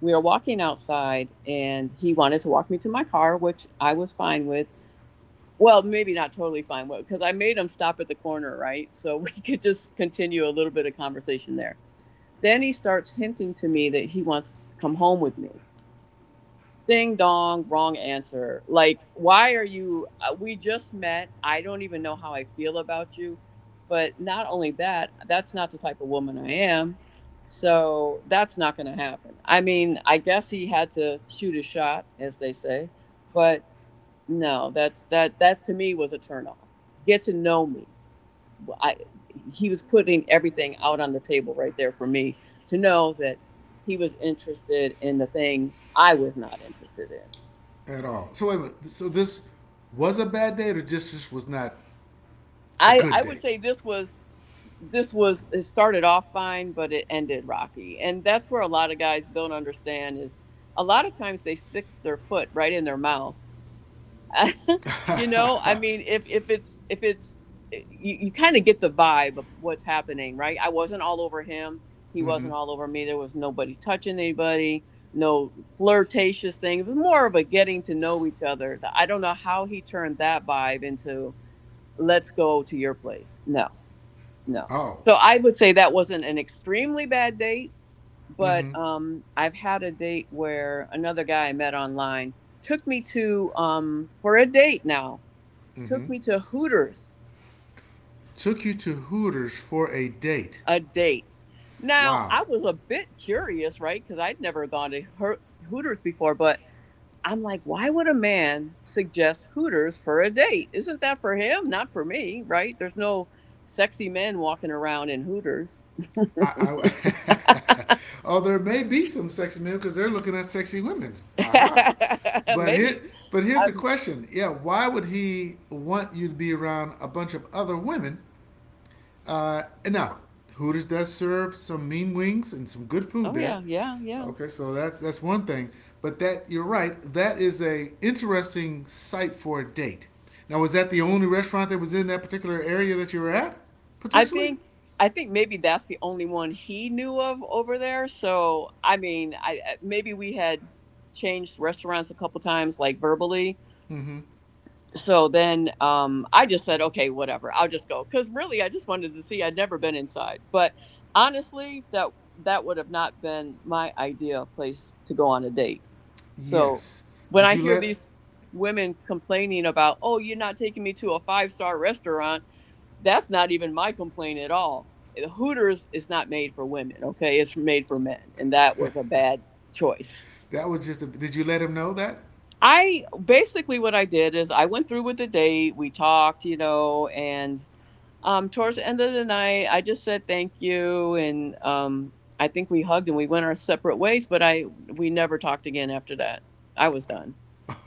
[SPEAKER 2] we were walking outside, and he wanted to walk me to my car, which I was fine with. Well, maybe not totally fine with, because I made him stop at the corner, right? So we could just continue a little bit of conversation there then he starts hinting to me that he wants to come home with me. Ding dong, wrong answer. Like, why are you? We just met. I don't even know how I feel about you. But not only that, that's not the type of woman I am. So that's not going to happen. I mean, I guess he had to shoot a shot, as they say. But no, that's that. That to me was a turnoff. Get to know me. I he was putting everything out on the table right there for me to know that he was interested in the thing I was not interested in.
[SPEAKER 1] At all? So wait a minute. So this was a bad date or just this was not a
[SPEAKER 2] I
[SPEAKER 1] good
[SPEAKER 2] I would
[SPEAKER 1] date?
[SPEAKER 2] say this was it started off fine, but it ended rocky, and that's where a lot of guys don't understand is a lot of times they stick their foot right in their mouth. You know, I mean, if it's, you, you kind of get the vibe of what's happening, right? I wasn't all over him, he wasn't all over me, there was nobody touching anybody, no flirtatious thing. It was more of a getting to know each other. I don't know how he turned that vibe into let's go to your place. No, no.
[SPEAKER 1] Oh,
[SPEAKER 2] So I would say that wasn't an extremely bad date. But I've had a date where another guy I met online took me to um for a date now took me to Hooters
[SPEAKER 1] took you to Hooters for a date.
[SPEAKER 2] a date. Now, I
[SPEAKER 1] Wow.
[SPEAKER 2] was a bit curious, right? Because I'd never gone to Hooters before, but I'm like, why would a man suggest Hooters for a date? Isn't that for him? Not for me, right? There's no sexy men walking around in Hooters.
[SPEAKER 1] I oh, there may be some sexy men because they're looking at sexy women. Aha. But here,
[SPEAKER 2] Maybe.
[SPEAKER 1] But here's the
[SPEAKER 2] I'm,
[SPEAKER 1] question. Yeah, why would he want you to be around a bunch of other women? And now, Hooters does serve some mean wings and some good food
[SPEAKER 2] oh,
[SPEAKER 1] there.
[SPEAKER 2] yeah, yeah, yeah.
[SPEAKER 1] Okay, so that's one thing. But that you're right. That is a interesting site for a date. Now, was that the only restaurant that was in that particular area that you were at,
[SPEAKER 2] I
[SPEAKER 1] potentially?
[SPEAKER 2] think I think maybe that's the only one he knew of over there. So I mean, maybe we had changed restaurants a couple times, like verbally. So then I just said, okay, whatever, I'll just go because really I just wanted to see. I'd never been inside, but honestly, that that would have not been my idea place to go on a date. So
[SPEAKER 1] Yes.
[SPEAKER 2] when
[SPEAKER 1] Did
[SPEAKER 2] I
[SPEAKER 1] you
[SPEAKER 2] hear
[SPEAKER 1] let?
[SPEAKER 2] these women complaining about, oh, you're not taking me to a five-star restaurant, that's not even my complaint at all. Hooters is not made for women, okay? It's made for men, and that was a bad choice.
[SPEAKER 1] That was just. did you let him know that?
[SPEAKER 2] I basically what I did is I went through with the date. We talked, you know, and towards the end of the night, I just said thank you, and I think we hugged and we went our separate ways. But I we never talked again after that. I was done.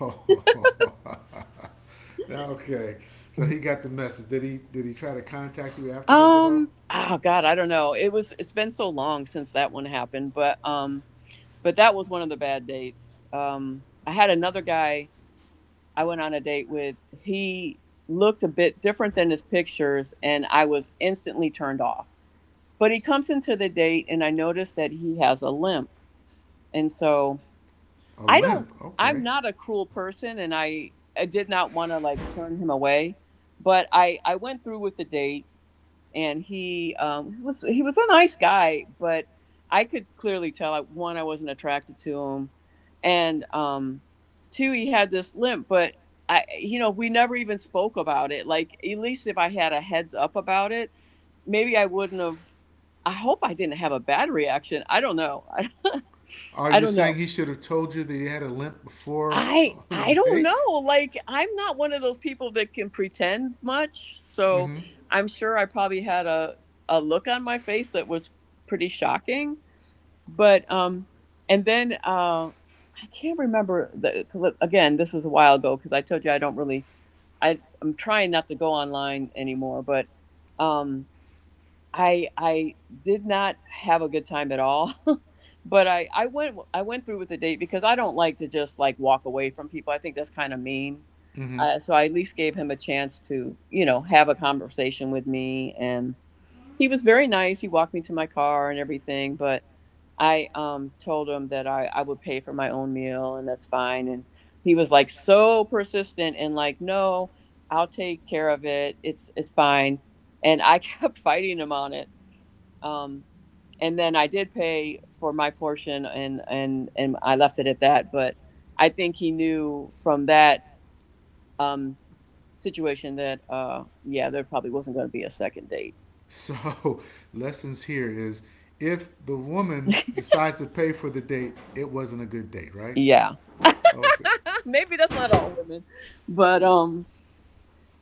[SPEAKER 1] Oh, okay. So he got the message. Did he? Did he try to contact you afterwards at all?
[SPEAKER 2] Oh God, I don't know. It was it's been so long since that one happened, but but that was one of the bad dates. I had another guy I went on a date with. He looked a bit different than his pictures, and I was instantly turned off. But he comes into the date, and I noticed that he has a limp. And so
[SPEAKER 1] A
[SPEAKER 2] I don't,
[SPEAKER 1] limp.
[SPEAKER 2] I'm
[SPEAKER 1] Okay.
[SPEAKER 2] not a cruel person, and I did not want to like turn him away. But I went through with the date and he was a nice guy, but I could clearly tell, one, I wasn't attracted to him, and two, he had this limp, but I, you know, we never even spoke about it. Like at least if I had a heads up about it, maybe I wouldn't have. I hope I didn't have a bad reaction. I don't know.
[SPEAKER 1] Are
[SPEAKER 2] I
[SPEAKER 1] you
[SPEAKER 2] don't
[SPEAKER 1] saying
[SPEAKER 2] know.
[SPEAKER 1] he should have told you that he had a limp before the
[SPEAKER 2] I don't
[SPEAKER 1] date?
[SPEAKER 2] know. Like I'm not one of those people that can pretend much, so I'm sure I probably had a look on my face that was pretty shocking. But and then I can't remember the 'cause again. This is a while ago because I told you I don't really. I'm trying not to go online anymore, but um I I did not have a good time at all. But I went through with the date because I don't like to just like walk away from people. I think that's kind of mean.
[SPEAKER 1] Mm-hmm.
[SPEAKER 2] So I at least gave him a chance to, you know, have a conversation with me, and he was very nice. He walked me to my car and everything, but I told him that I would pay for my own meal and that's fine. And he was like so persistent and like, no, I'll take care of it. It's fine. And I kept fighting him on it, um, and then I did pay for my portion, and I left it at that. But I think he knew from that um, situation that, yeah, there probably wasn't going to be a second date.
[SPEAKER 1] So, lessons here is if the woman decides to pay for the date, it wasn't a good date, right?
[SPEAKER 2] Yeah,
[SPEAKER 1] Okay.
[SPEAKER 2] maybe that's not all women, but um,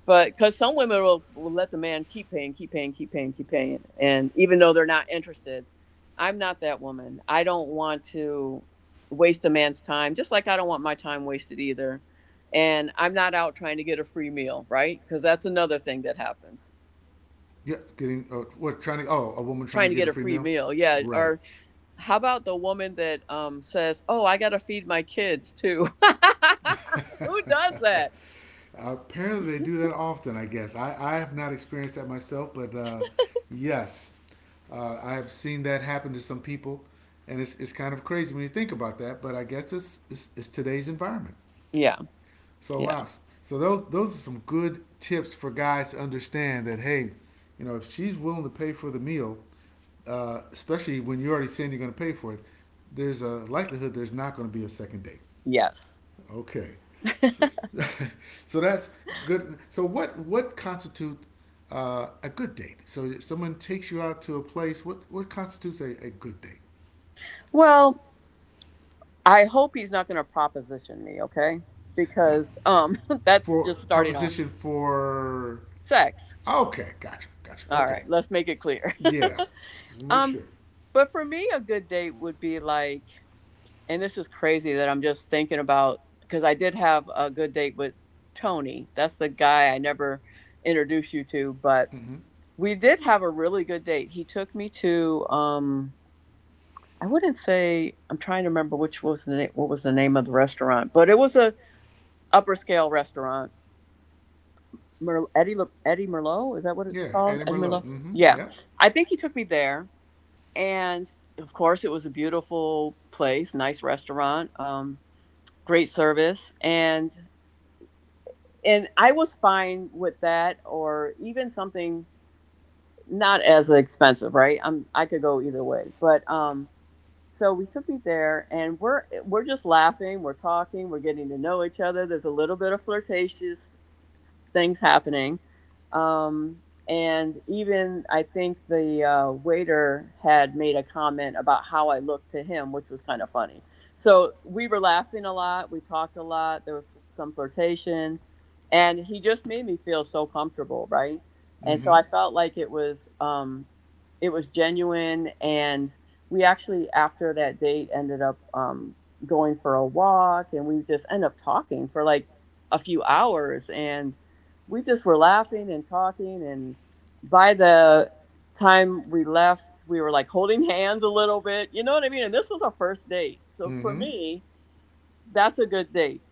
[SPEAKER 2] but because some women will let the man keep paying, keep paying, keep paying, keep paying. And even though they're not interested, I'm not that woman. I don't want to waste a man's time, just like I don't want my time wasted either. And I'm not out trying to get a free meal, right? Because that's another thing that happens.
[SPEAKER 1] Yeah, getting what trying to a woman trying
[SPEAKER 2] Trying
[SPEAKER 1] to
[SPEAKER 2] to
[SPEAKER 1] get
[SPEAKER 2] get
[SPEAKER 1] a
[SPEAKER 2] a
[SPEAKER 1] free
[SPEAKER 2] free
[SPEAKER 1] meal,
[SPEAKER 2] meal. Yeah.
[SPEAKER 1] right?
[SPEAKER 2] Or how about the woman that says, oh, I got to feed my kids too? Who does that?
[SPEAKER 1] Apparently, they do that often. I guess I have not experienced that myself, but yes, I have seen that happen to some people, and it's kind of crazy when you think about that. But I guess it's today's environment.
[SPEAKER 2] Yeah.
[SPEAKER 1] So
[SPEAKER 2] Yeah.
[SPEAKER 1] wow, so those are some good tips for guys to understand that hey, you know if she's willing to pay for the meal, especially when you're already saying you're going to pay for it, there's a likelihood there's not going to be a second date.
[SPEAKER 2] Yes.
[SPEAKER 1] Okay, so, so that's good. So what constitutes a good date? So if someone takes you out to a place. What constitutes a good date?
[SPEAKER 2] Well, I hope he's not going to proposition me, okay?
[SPEAKER 1] Now,
[SPEAKER 2] Because that's
[SPEAKER 1] for
[SPEAKER 2] just starting off
[SPEAKER 1] proposition for
[SPEAKER 2] sex.
[SPEAKER 1] okay, gotcha, gotcha.
[SPEAKER 2] All right,
[SPEAKER 1] Okay,
[SPEAKER 2] let's make it clear.
[SPEAKER 1] yeah, just make
[SPEAKER 2] um
[SPEAKER 1] sure.
[SPEAKER 2] but for me a good date would be like, and this is crazy that I'm just thinking about, cuz I did have a good date with Tony. That's the guy I never introduced you to, but
[SPEAKER 1] Hmm.
[SPEAKER 2] we did have a really good date. He took me to I wouldn't say. I'm trying to remember, which was the what was the name of the restaurant, but it was a upper scale restaurant. Eddie Merlot. Is that what it's
[SPEAKER 1] Yeah,
[SPEAKER 2] called?
[SPEAKER 1] Eddie
[SPEAKER 2] Eddie
[SPEAKER 1] Merlot.
[SPEAKER 2] Merlot.
[SPEAKER 1] Hmm.
[SPEAKER 2] Yeah,
[SPEAKER 1] Yeah.
[SPEAKER 2] I think he took me there, and of course it was a beautiful place, nice restaurant, great service, and I was fine with that, or even something not as expensive, right? I could go either way, but so we took me there and we're we're just laughing, we're talking, we're getting to know each other. There's a little bit of flirtatious things happening. um, and even I think the waiter had made a comment about how I looked to him, which was kind of funny. So we were laughing a lot, we talked a lot, there was some flirtation, and he just made me feel so comfortable, right? And so
[SPEAKER 1] Hmm.
[SPEAKER 2] I felt like it was, it was genuine. And we actually after that date ended up, going for a walk, and we just end up talking for like a few hours. And we just were laughing and talking, and by the time we left we were like holding hands a little bit, you know what I mean? And this was our first date, so for
[SPEAKER 1] Hmm.
[SPEAKER 2] me, that's a good date.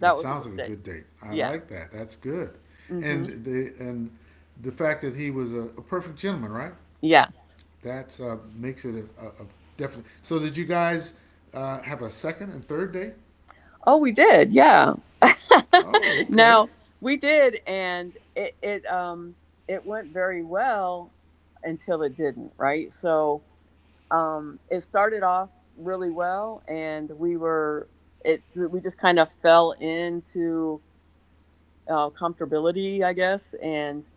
[SPEAKER 1] That
[SPEAKER 2] was a
[SPEAKER 1] sounds like
[SPEAKER 2] good
[SPEAKER 1] a
[SPEAKER 2] date.
[SPEAKER 1] good date. I
[SPEAKER 2] Yeah.
[SPEAKER 1] like that. That's good,
[SPEAKER 2] Hmm.
[SPEAKER 1] and the fact that he was a perfect gentleman, right?
[SPEAKER 2] Yes.
[SPEAKER 1] That's makes it a definite. So did you guys have a second and third date?
[SPEAKER 2] Oh, we did. Yeah.
[SPEAKER 1] Oh, okay.
[SPEAKER 2] Now we did, and it it went very well until it didn't. Right. So it started off really well, and we were it we just kind of fell into comfortability, I guess. And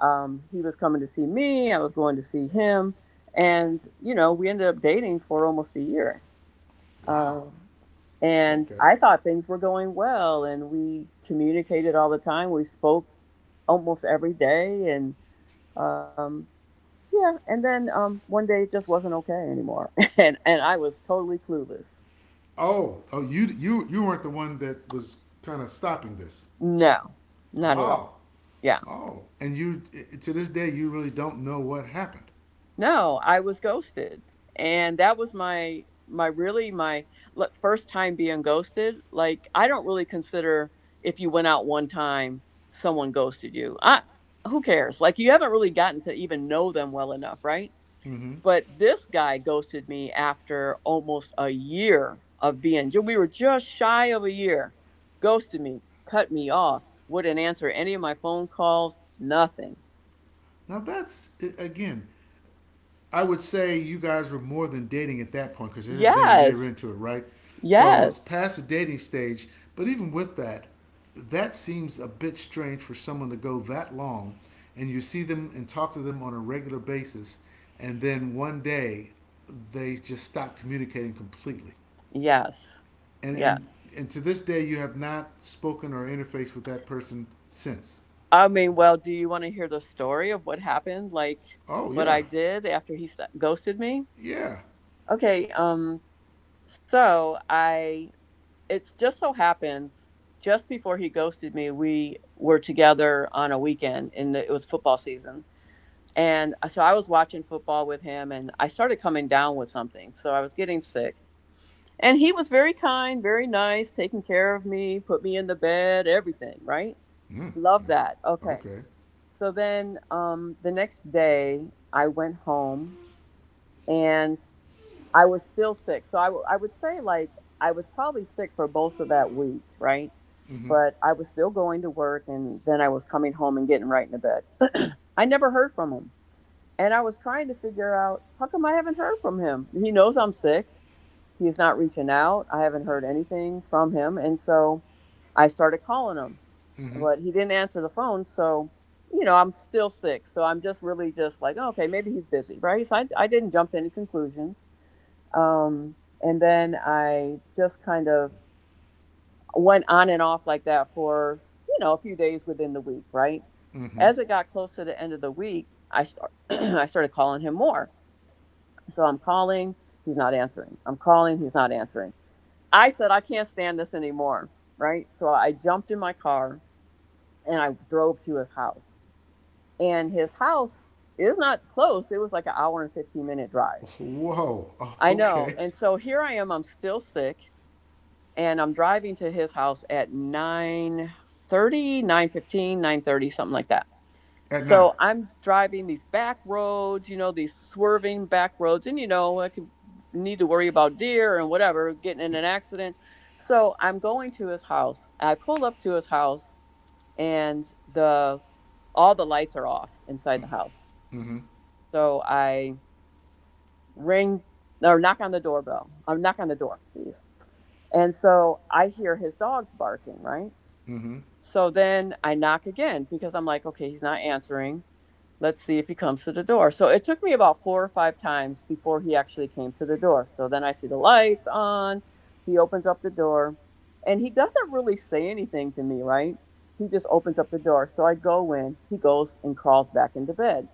[SPEAKER 2] he was coming to see me, I was going to see him, and you know we ended up dating for almost a year. Uh,
[SPEAKER 1] Wow.
[SPEAKER 2] and
[SPEAKER 1] Okay.
[SPEAKER 2] I thought things were going well, and we communicated all the time. We spoke almost every day, and um, yeah. And then one day it just wasn't okay anymore, and I was totally clueless.
[SPEAKER 1] Oh, oh, you weren't the one that was kind of stopping this.
[SPEAKER 2] No, not at all.
[SPEAKER 1] Oh,
[SPEAKER 2] Yeah.
[SPEAKER 1] oh, and you I- to this day you really don't know what happened.
[SPEAKER 2] No, I was ghosted. And that was my really my, like, first time being ghosted. Like, I don't really consider if you went out one time someone ghosted you. I, who cares? Like, you haven't really gotten to even know them well enough, right? But this guy ghosted me after almost a year of being we were just shy of a year. Ghosted me, cut me off, wouldn't answer any of my phone calls, nothing.
[SPEAKER 1] Now that's I- again I would say you guys were more than dating at that point because it had been a year
[SPEAKER 2] Yes.
[SPEAKER 1] into it, right? So it's
[SPEAKER 2] Yes.
[SPEAKER 1] past the dating stage. But even with that, that seems a bit strange for someone to go that long and you see them and talk to them on a regular basis. And then one day they just stop communicating completely.
[SPEAKER 2] Yes.
[SPEAKER 1] And, and,
[SPEAKER 2] Yes.
[SPEAKER 1] and to this day, you have not spoken or interfaced with that person since.
[SPEAKER 2] I mean, well, do you want to hear the story of what happened? Like
[SPEAKER 1] Oh,
[SPEAKER 2] what
[SPEAKER 1] yeah.
[SPEAKER 2] I did after he ghosted me?
[SPEAKER 1] Yeah.
[SPEAKER 2] Okay, so I, it's just so happens just before he ghosted me, we were together on a weekend and it was football season. And so I was watching football with him and I started coming down with something. So I was getting sick. And he was very kind, very nice, taking care of me, put me in the bed, everything, right?
[SPEAKER 1] Mm.
[SPEAKER 2] Love that. Okay.
[SPEAKER 1] Okay.
[SPEAKER 2] So then the next day, I went home and I was still sick. So I would say, like, I was probably sick for most of that week, right?
[SPEAKER 1] Mm hmm. Mm
[SPEAKER 2] But I was still going to work and then I was coming home and getting right into bed. I never heard from him. And I was trying to figure out how come I haven't heard from him? He knows I'm sick. He's not reaching out. I haven't heard anything from him. And so I started calling him,
[SPEAKER 1] hmm.
[SPEAKER 2] but he didn't answer the phone. So you know, I'm still sick, so I'm just really just like, oh, okay, maybe he's busy, right? So I didn't jump to any conclusions. um, and then I just kind of went on and off like that for, you know, a few days within the week, right?
[SPEAKER 1] Mm hmm.
[SPEAKER 2] As it got close to the end of the week, I started calling him more. So I'm calling, he's not answering, I'm calling, he's not answering. I said, I can't stand this anymore, right? So I jumped in my car and I drove to his house. And his house is not close. It was like an hour and 15-minute drive.
[SPEAKER 1] Whoa. Oh,
[SPEAKER 2] I know.
[SPEAKER 1] okay.
[SPEAKER 2] And so here I am, I'm still sick, and I'm driving to his house at nine thirty, something like that.
[SPEAKER 1] At night.
[SPEAKER 2] So I'm driving these back roads, you know, these swerving back roads, and you know, I could need to worry about deer and whatever, getting in an accident. So I'm going to his house. I pull up to his house, and the all the lights are off inside the house.
[SPEAKER 1] Mm-hmm.
[SPEAKER 2] So I ring or knock on the doorbell. I'm knock on the door. Jeez. And so I hear his dogs barking, right?
[SPEAKER 1] Mm-hmm.
[SPEAKER 2] So then I knock again because I'm like, okay, he's not answering. Let's see if he comes to the door. So it took me about four or five times before he actually came to the door. So then I see the lights on. He opens up the door, and he doesn't really say anything to me, right? He just opens up the door. So I go in. He goes and crawls back into bed.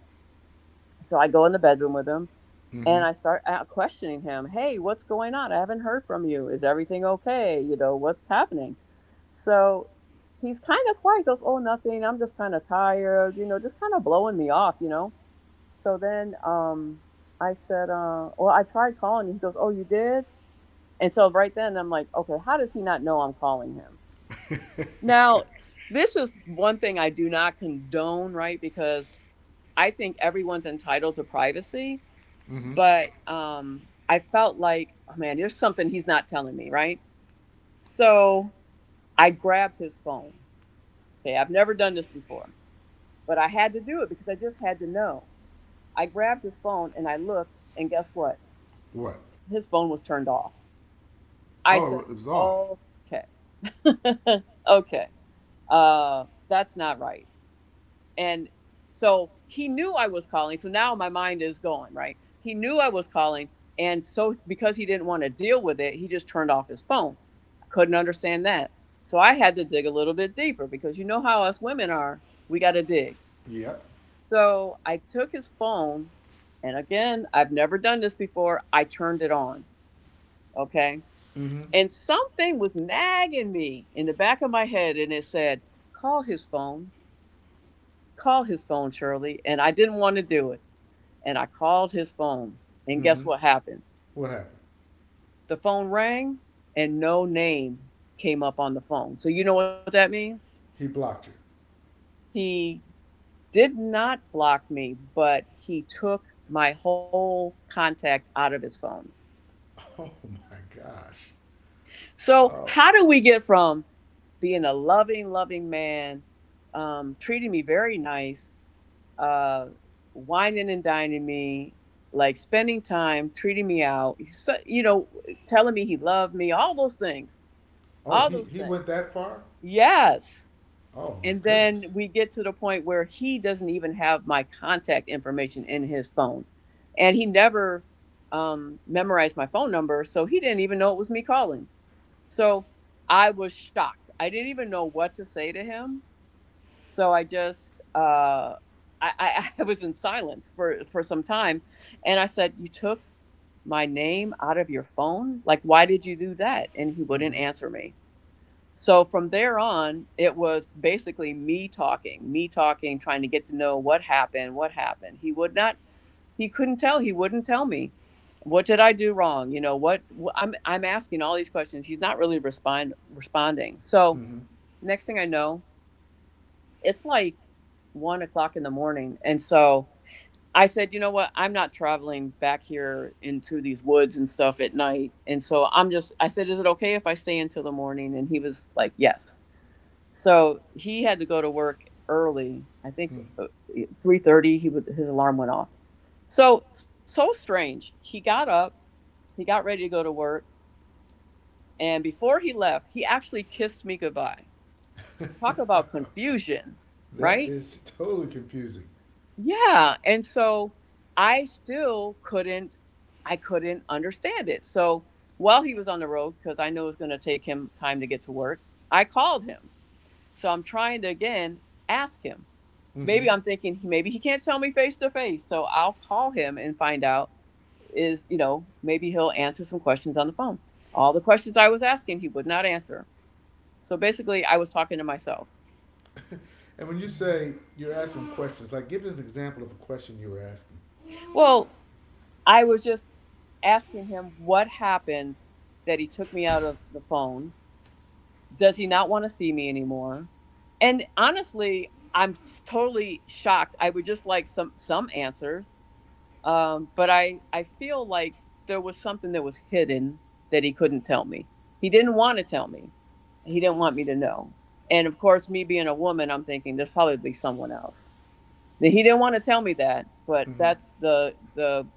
[SPEAKER 2] So I go in the bedroom with him,
[SPEAKER 1] Mm-hmm.
[SPEAKER 2] and I start out questioning him. Hey, what's going on? I haven't heard from you. Is everything okay? You know, what's happening? So he's kind of quiet, goes, oh, nothing, I'm just kind of tired, you know, just kind of blowing me off, you know? So then, I said, well, I tried calling. He goes, oh, you did? And so right then I'm like, okay, how does he not know I'm calling him? Now, this is one thing I do not condone, right? Because I think everyone's entitled to privacy,
[SPEAKER 1] mm-hmm.
[SPEAKER 2] but I felt like, oh man, there's something he's not telling me, right? So I grabbed his phone. Okay, I've never done this before, but I had to do it because I just had to know. I grabbed his phone and I looked, and guess what?
[SPEAKER 1] What?
[SPEAKER 2] His phone was turned off. I
[SPEAKER 1] Oh,
[SPEAKER 2] said,
[SPEAKER 1] it was off.
[SPEAKER 2] okay, okay, that's not right. And so he knew I was calling. So now my mind is going, right? He knew I was calling. And so because he didn't want to deal with it, he just turned off his phone. I couldn't understand that. So I had to dig a little bit deeper because you know how us women are. We got to dig.
[SPEAKER 1] Yep.
[SPEAKER 2] So I took his phone. And again, I've never done this before. I turned it on. Okay.
[SPEAKER 1] Mm-hmm.
[SPEAKER 2] And something was nagging me in the back of my head. And it said, call his phone, call his phone, Shirley. And I didn't want to do it. And I called his phone. And guess
[SPEAKER 1] Mm-hmm.
[SPEAKER 2] what happened?
[SPEAKER 1] What happened?
[SPEAKER 2] The phone rang, and no name came up on the phone. So you know what that means?
[SPEAKER 1] He blocked you.
[SPEAKER 2] He did not block me, but he took my whole contact out of his phone.
[SPEAKER 1] Oh my gosh.
[SPEAKER 2] So
[SPEAKER 1] Oh.
[SPEAKER 2] how do we get from being a loving, loving man, treating me very nice, uh, whining and dining me, like spending time, treating me out, you know, telling me he loved me, all those things,
[SPEAKER 1] Oh,
[SPEAKER 2] all those
[SPEAKER 1] he
[SPEAKER 2] things.
[SPEAKER 1] went that far?
[SPEAKER 2] Yes.
[SPEAKER 1] Oh my
[SPEAKER 2] And then
[SPEAKER 1] goodness.
[SPEAKER 2] we get to the point where he doesn't even have my contact information in his phone. And he never memorized my phone number. So he didn't even know it was me calling. So I was shocked. I didn't even know what to say to him. So I just, I was in silence for some time. And I said, you took my name out of your phone? Like, why did you do that? And he
[SPEAKER 1] Mm-hmm.
[SPEAKER 2] wouldn't answer me. So from there on, it was basically me talking, trying to get to know what happened, what happened. He would not, he couldn't tell, he wouldn't tell me. What did I do wrong? You know what? I'm asking all these questions. He's not really responding. So
[SPEAKER 1] Mm-hmm.
[SPEAKER 2] next thing I know, it's like 1 o'clock in the morning, and so I said, you know what? I'm not traveling back here into these woods and stuff at night, and so I'm just. I said, is it okay if I stay until the morning? And he was like, yes. So he had to go to work early. I think 3:30, he would, his alarm went off. So so strange. He got up. He got ready to go to work, and before he left, he actually kissed me goodbye. Talk about confusion,
[SPEAKER 1] That
[SPEAKER 2] right?
[SPEAKER 1] is totally confusing.
[SPEAKER 2] Yeah. And so I still couldn't. I couldn't understand it. So while he was on the road, because I knew it was going to take him time to get to work, I called him. So I'm trying to again ask him,
[SPEAKER 1] Mm-hmm.
[SPEAKER 2] maybe I'm thinking maybe he can't tell me face to face, so I'll call him and find out, is, you know, maybe he'll answer some questions on the phone. All the questions I was asking, he would not answer. So basically, I was talking to myself.
[SPEAKER 1] And when you say you're asking questions, like give us an example of a question you were asking.
[SPEAKER 2] Well, I was just asking him what happened that he took me out of the phone. Does he not want to see me anymore? And honestly, I'm totally shocked. I would just like some answers. But I feel like there was something that was hidden that he couldn't tell me. He didn't want to tell me. He didn't want me to know. And of course, me being a woman, I'm thinking there's probably someone else. That he didn't want to tell me that, but
[SPEAKER 1] Mm-hmm.
[SPEAKER 2] that's the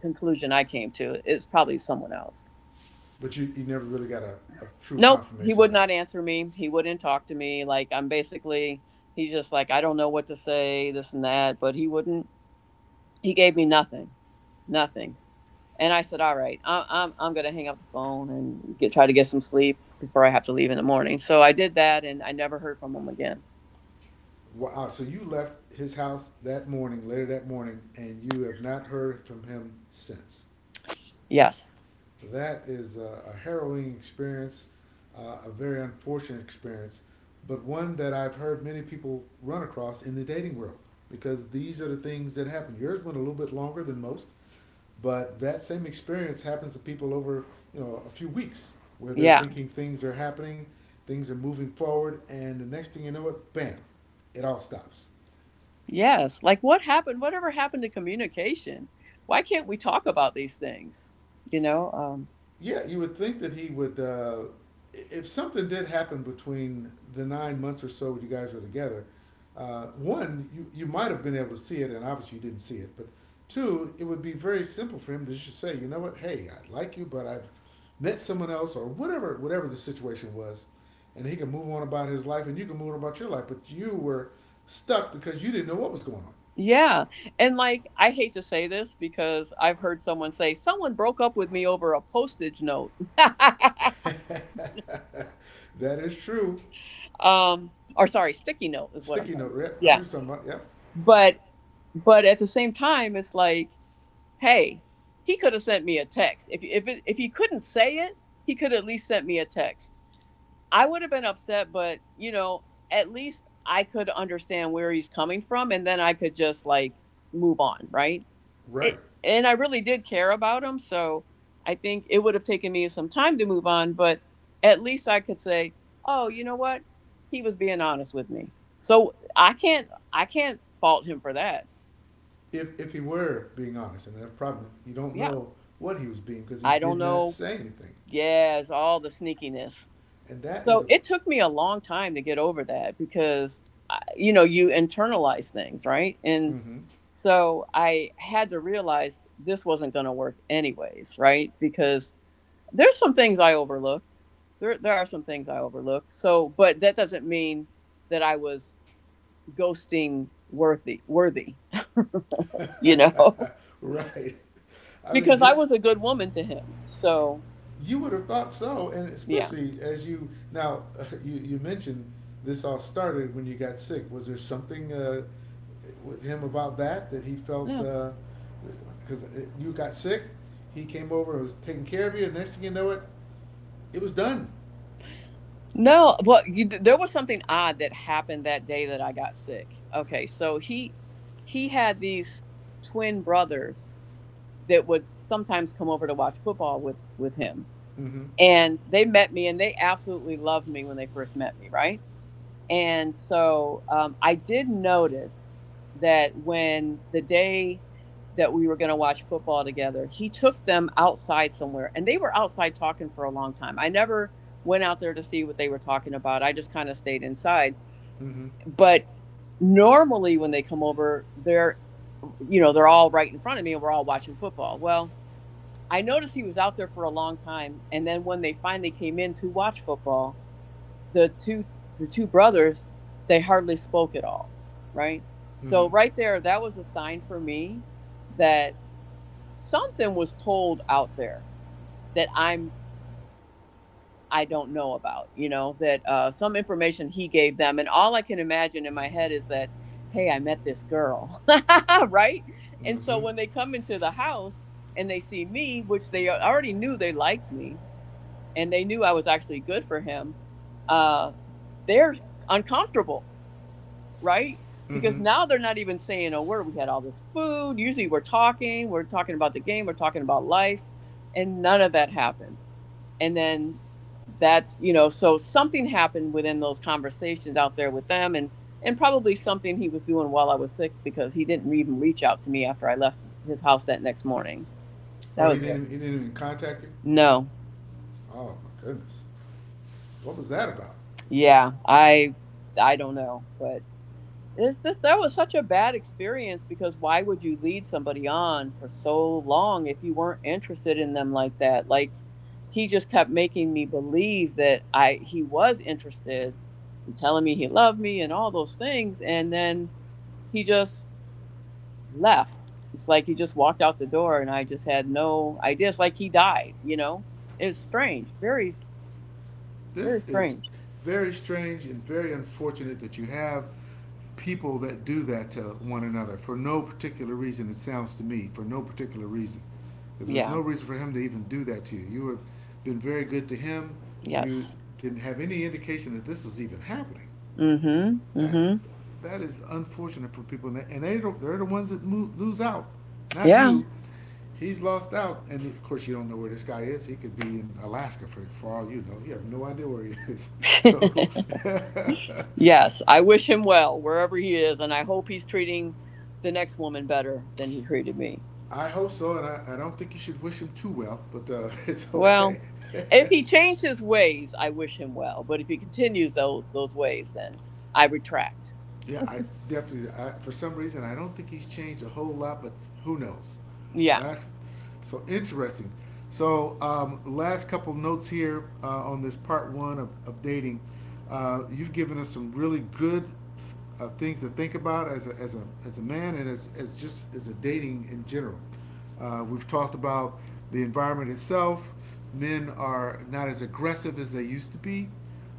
[SPEAKER 2] conclusion I came to. It's probably someone else.
[SPEAKER 1] But you never really got a true
[SPEAKER 2] Nope, he
[SPEAKER 1] confirmation of
[SPEAKER 2] would
[SPEAKER 1] that.
[SPEAKER 2] not answer me. He wouldn't talk to me. Like, I'm basically, he's just like, I don't know what to say, this and that. But he wouldn't. He gave me nothing, nothing. And I said, "All right, I'm I'm gonna hang up the phone and get try to get some sleep before I have to leave in the morning." So I did that, and I never heard from him again.
[SPEAKER 1] Wow. So you left his house that morning, later that morning, and you have not heard from him since.
[SPEAKER 2] Yes,
[SPEAKER 1] That is a harrowing experience, a very unfortunate experience, but one that I've heard many people run across in the dating world because these are the things that happen. Yours went a little bit longer than most. But that same experience happens to people over, you know, a few weeks where they're
[SPEAKER 2] yeah,
[SPEAKER 1] thinking things are happening, things are moving forward, and the next thing you know it, bam, it all stops.
[SPEAKER 2] yes. Like, what happened? Whatever happened to communication? Why can't we talk about these things? You know? Um,
[SPEAKER 1] Yeah, you would think that he would. If something did happen between the 9 months or so when you guys were together, one, you might have been able to see it, and obviously you didn't see it. But two, it would be very simple for him to just say, you know what, hey, I like you, but I've met someone else, or whatever, whatever the situation was, and he can move on about his life, and you can move on about your life. But you were stuck because you didn't know what was going on.
[SPEAKER 2] yeah. And like, I hate to say this because I've heard someone say someone broke up with me over a postage note.
[SPEAKER 1] That is true.
[SPEAKER 2] Or sorry, sticky note is what I'm
[SPEAKER 1] Sticky
[SPEAKER 2] trying
[SPEAKER 1] note,
[SPEAKER 2] to say.
[SPEAKER 1] Rip. I know
[SPEAKER 2] Yeah.
[SPEAKER 1] you're talking about. Yep.
[SPEAKER 2] But but at the same time, it's like, hey, he could have sent me a text. If he couldn't say it, he could at least sent me a text. I would have been upset, but you know, at least I could understand where he's coming from, and then I could just like move on, right? It,
[SPEAKER 1] Right.
[SPEAKER 2] and I really did care about him, so I think it would have taken me some time to move on, but at least I could say, oh, you know what, he was being honest with me. So I can't fault him for that.
[SPEAKER 1] If he were being honest, and that's the problem, you don't
[SPEAKER 2] Yeah,
[SPEAKER 1] know what he was being because he
[SPEAKER 2] I don't
[SPEAKER 1] did not
[SPEAKER 2] know.
[SPEAKER 1] say anything,
[SPEAKER 2] Yes, all the sneakiness.
[SPEAKER 1] and that is
[SPEAKER 2] So
[SPEAKER 1] a.
[SPEAKER 2] it took me a long time to get over that because I- you know, you internalize things, right? And
[SPEAKER 1] Mm-hmm.
[SPEAKER 2] so I had to realize this wasn't going to work anyways, right? Because there's some things I overlooked. There are some things I overlooked. So, but that doesn't mean that I was ghosting worthy, you know,
[SPEAKER 1] right. I mean,
[SPEAKER 2] because I
[SPEAKER 1] just
[SPEAKER 2] was a good woman to him. So,
[SPEAKER 1] you would have thought so, and
[SPEAKER 2] yeah.
[SPEAKER 1] especially as you now you you mentioned this all started when you got sick. Was there something with him about that that he felt
[SPEAKER 2] Yeah.
[SPEAKER 1] Because you got sick? He came over and was taking care of you. And next thing you know, it was done.
[SPEAKER 2] No, well, you, there was something odd that happened that day that I got sick. Okay, so he had these twin brothers that would sometimes come over to watch football with him,
[SPEAKER 1] Mm-hmm.
[SPEAKER 2] and they met me and they absolutely loved me when they first met me, right? And so I did notice that when the day that we were going to watch football together, he took them outside somewhere and they were outside talking for a long time. I never went out there to see what they were talking about. I just kind of stayed inside.
[SPEAKER 1] Mm-hmm.
[SPEAKER 2] But normally when they come over, they're you know, they're all right in front of me and we're all watching football. Well, I noticed he was out there for a long time, and then when they finally came in to watch football, the two the two brothers, they hardly spoke at all, right?
[SPEAKER 1] Mm-hmm.
[SPEAKER 2] So right there, that was a sign for me that something was told out there that I'm, I don't know about, you know, that some information he gave them. And all I can imagine in my head is that, hey, I met this girl. Right? And so
[SPEAKER 1] Mm-hmm.
[SPEAKER 2] when they come into the house and they see me, which they already knew they liked me, and they knew I was actually good for him, uh, they're uncomfortable, right? Because
[SPEAKER 1] Mm-hmm.
[SPEAKER 2] now they're not even saying a word. We had all this food. Usually we're talking about the game, we're talking about life, and none of that happened. And then that's, you know, so something happened within those conversations out there with them, and probably something he was doing while I was sick, because he didn't even reach out to me after I left his house that next morning. That
[SPEAKER 1] Oh, he
[SPEAKER 2] was
[SPEAKER 1] didn't.
[SPEAKER 2] it.
[SPEAKER 1] Even, he didn't even contact you.
[SPEAKER 2] No.
[SPEAKER 1] Oh my goodness, what was that about?
[SPEAKER 2] Yeah. I don't know, but this that was such a bad experience. Because why would you lead somebody on for so long if you weren't interested in them like that? Like, he just kept making me believe that I he was interested and telling me he loved me and all those things, and then he just left. It's like he just walked out the door and I just had no idea. It's like he died, you know? It's strange. Very very
[SPEAKER 1] This is
[SPEAKER 2] strange.
[SPEAKER 1] very strange and very unfortunate that you have people that do that to one another for no particular reason. It sounds to me for no particular reason, because there was
[SPEAKER 2] Yeah.
[SPEAKER 1] no reason for him to even do that to you. You have been very good to him. You
[SPEAKER 2] Yes.
[SPEAKER 1] didn't have any indication that this was even happening.
[SPEAKER 2] Mm-hmm.
[SPEAKER 1] That's
[SPEAKER 2] Mm-hmm.
[SPEAKER 1] that is unfortunate for people, and they don't- they're the ones that move, lose out, not you. He's lost out, and of course you don't know where this guy is. He could be in Alaska for all you know. You have no idea where he is.
[SPEAKER 2] Yeah.
[SPEAKER 1] So
[SPEAKER 2] Yes, I wish him well wherever he is, and I hope he's treating the next woman better than he treated me.
[SPEAKER 1] I hope so, and I don't think you should wish him too well, but it's
[SPEAKER 2] Well,
[SPEAKER 1] okay.
[SPEAKER 2] if he changed his ways, I wish him well. But if he continues those ways, then I retract.
[SPEAKER 1] Yeah, I definitely. I, for some reason, I don't think he's changed a whole lot, but who knows? Well,
[SPEAKER 2] Yeah.
[SPEAKER 1] that's so interesting. So, last couple notes here on this part one of dating. You've given us some really good things to think about as a, as a, as a man and as just as a dating in general. We've talked about the environment itself. Men are not as aggressive as they used to be.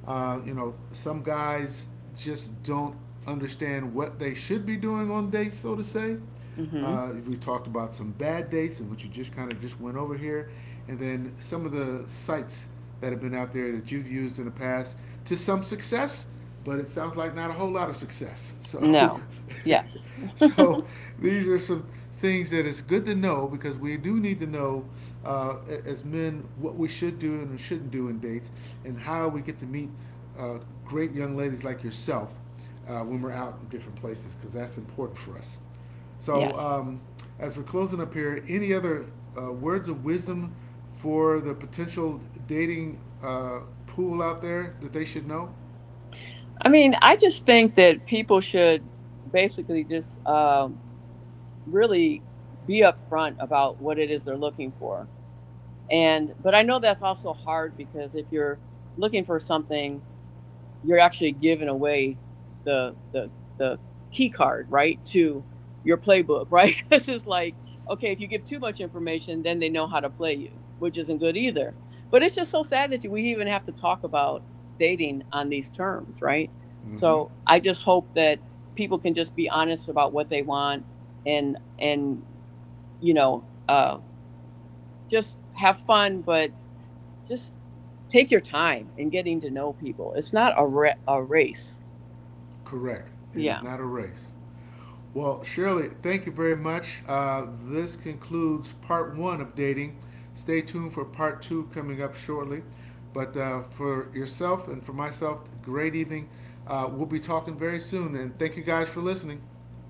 [SPEAKER 1] You know, some guys just don't understand what they should be doing on dates, so to say.
[SPEAKER 2] Hmm.
[SPEAKER 1] We talked about some bad dates and which you just kind of just went over here, and then some of the sites that have been out there that you've used in the past to some success, but it sounds like not a whole lot of success. So,
[SPEAKER 2] No. Yes.
[SPEAKER 1] so these are some things that it's good to know because we do need to know uh, as men what we should do and we shouldn't do in dates, and how we get to meet great young ladies like yourself when we're out in different places because that's important for us.
[SPEAKER 2] Yes.
[SPEAKER 1] So, as we're closing up here, any other words of wisdom for the potential dating pool out there that they should know?
[SPEAKER 2] I mean, I just think that people should basically just really be upfront about what it is they're looking for. And but I know that's also hard, because if you're looking for something, you're actually giving away the the the key card, right, to your playbook, right? Because it's like, okay, if you give too much information, then they know how to play you, which isn't good either. But it's just so sad that we even have to talk about dating on these terms, right?
[SPEAKER 1] Mm-hmm.
[SPEAKER 2] So I just hope that people can just be honest about what they want, and you know just have fun, but just take your time in getting to know people. It's not a, a race.
[SPEAKER 1] Correct. It is
[SPEAKER 2] Yeah.
[SPEAKER 1] not a race. Well, Shirley, thank you very much. This concludes part one of dating. Stay tuned for part two coming up shortly. But for yourself and for myself, great evening. We'll be talking very soon. And thank you guys for listening.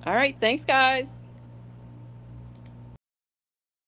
[SPEAKER 2] All right. Thanks, guys.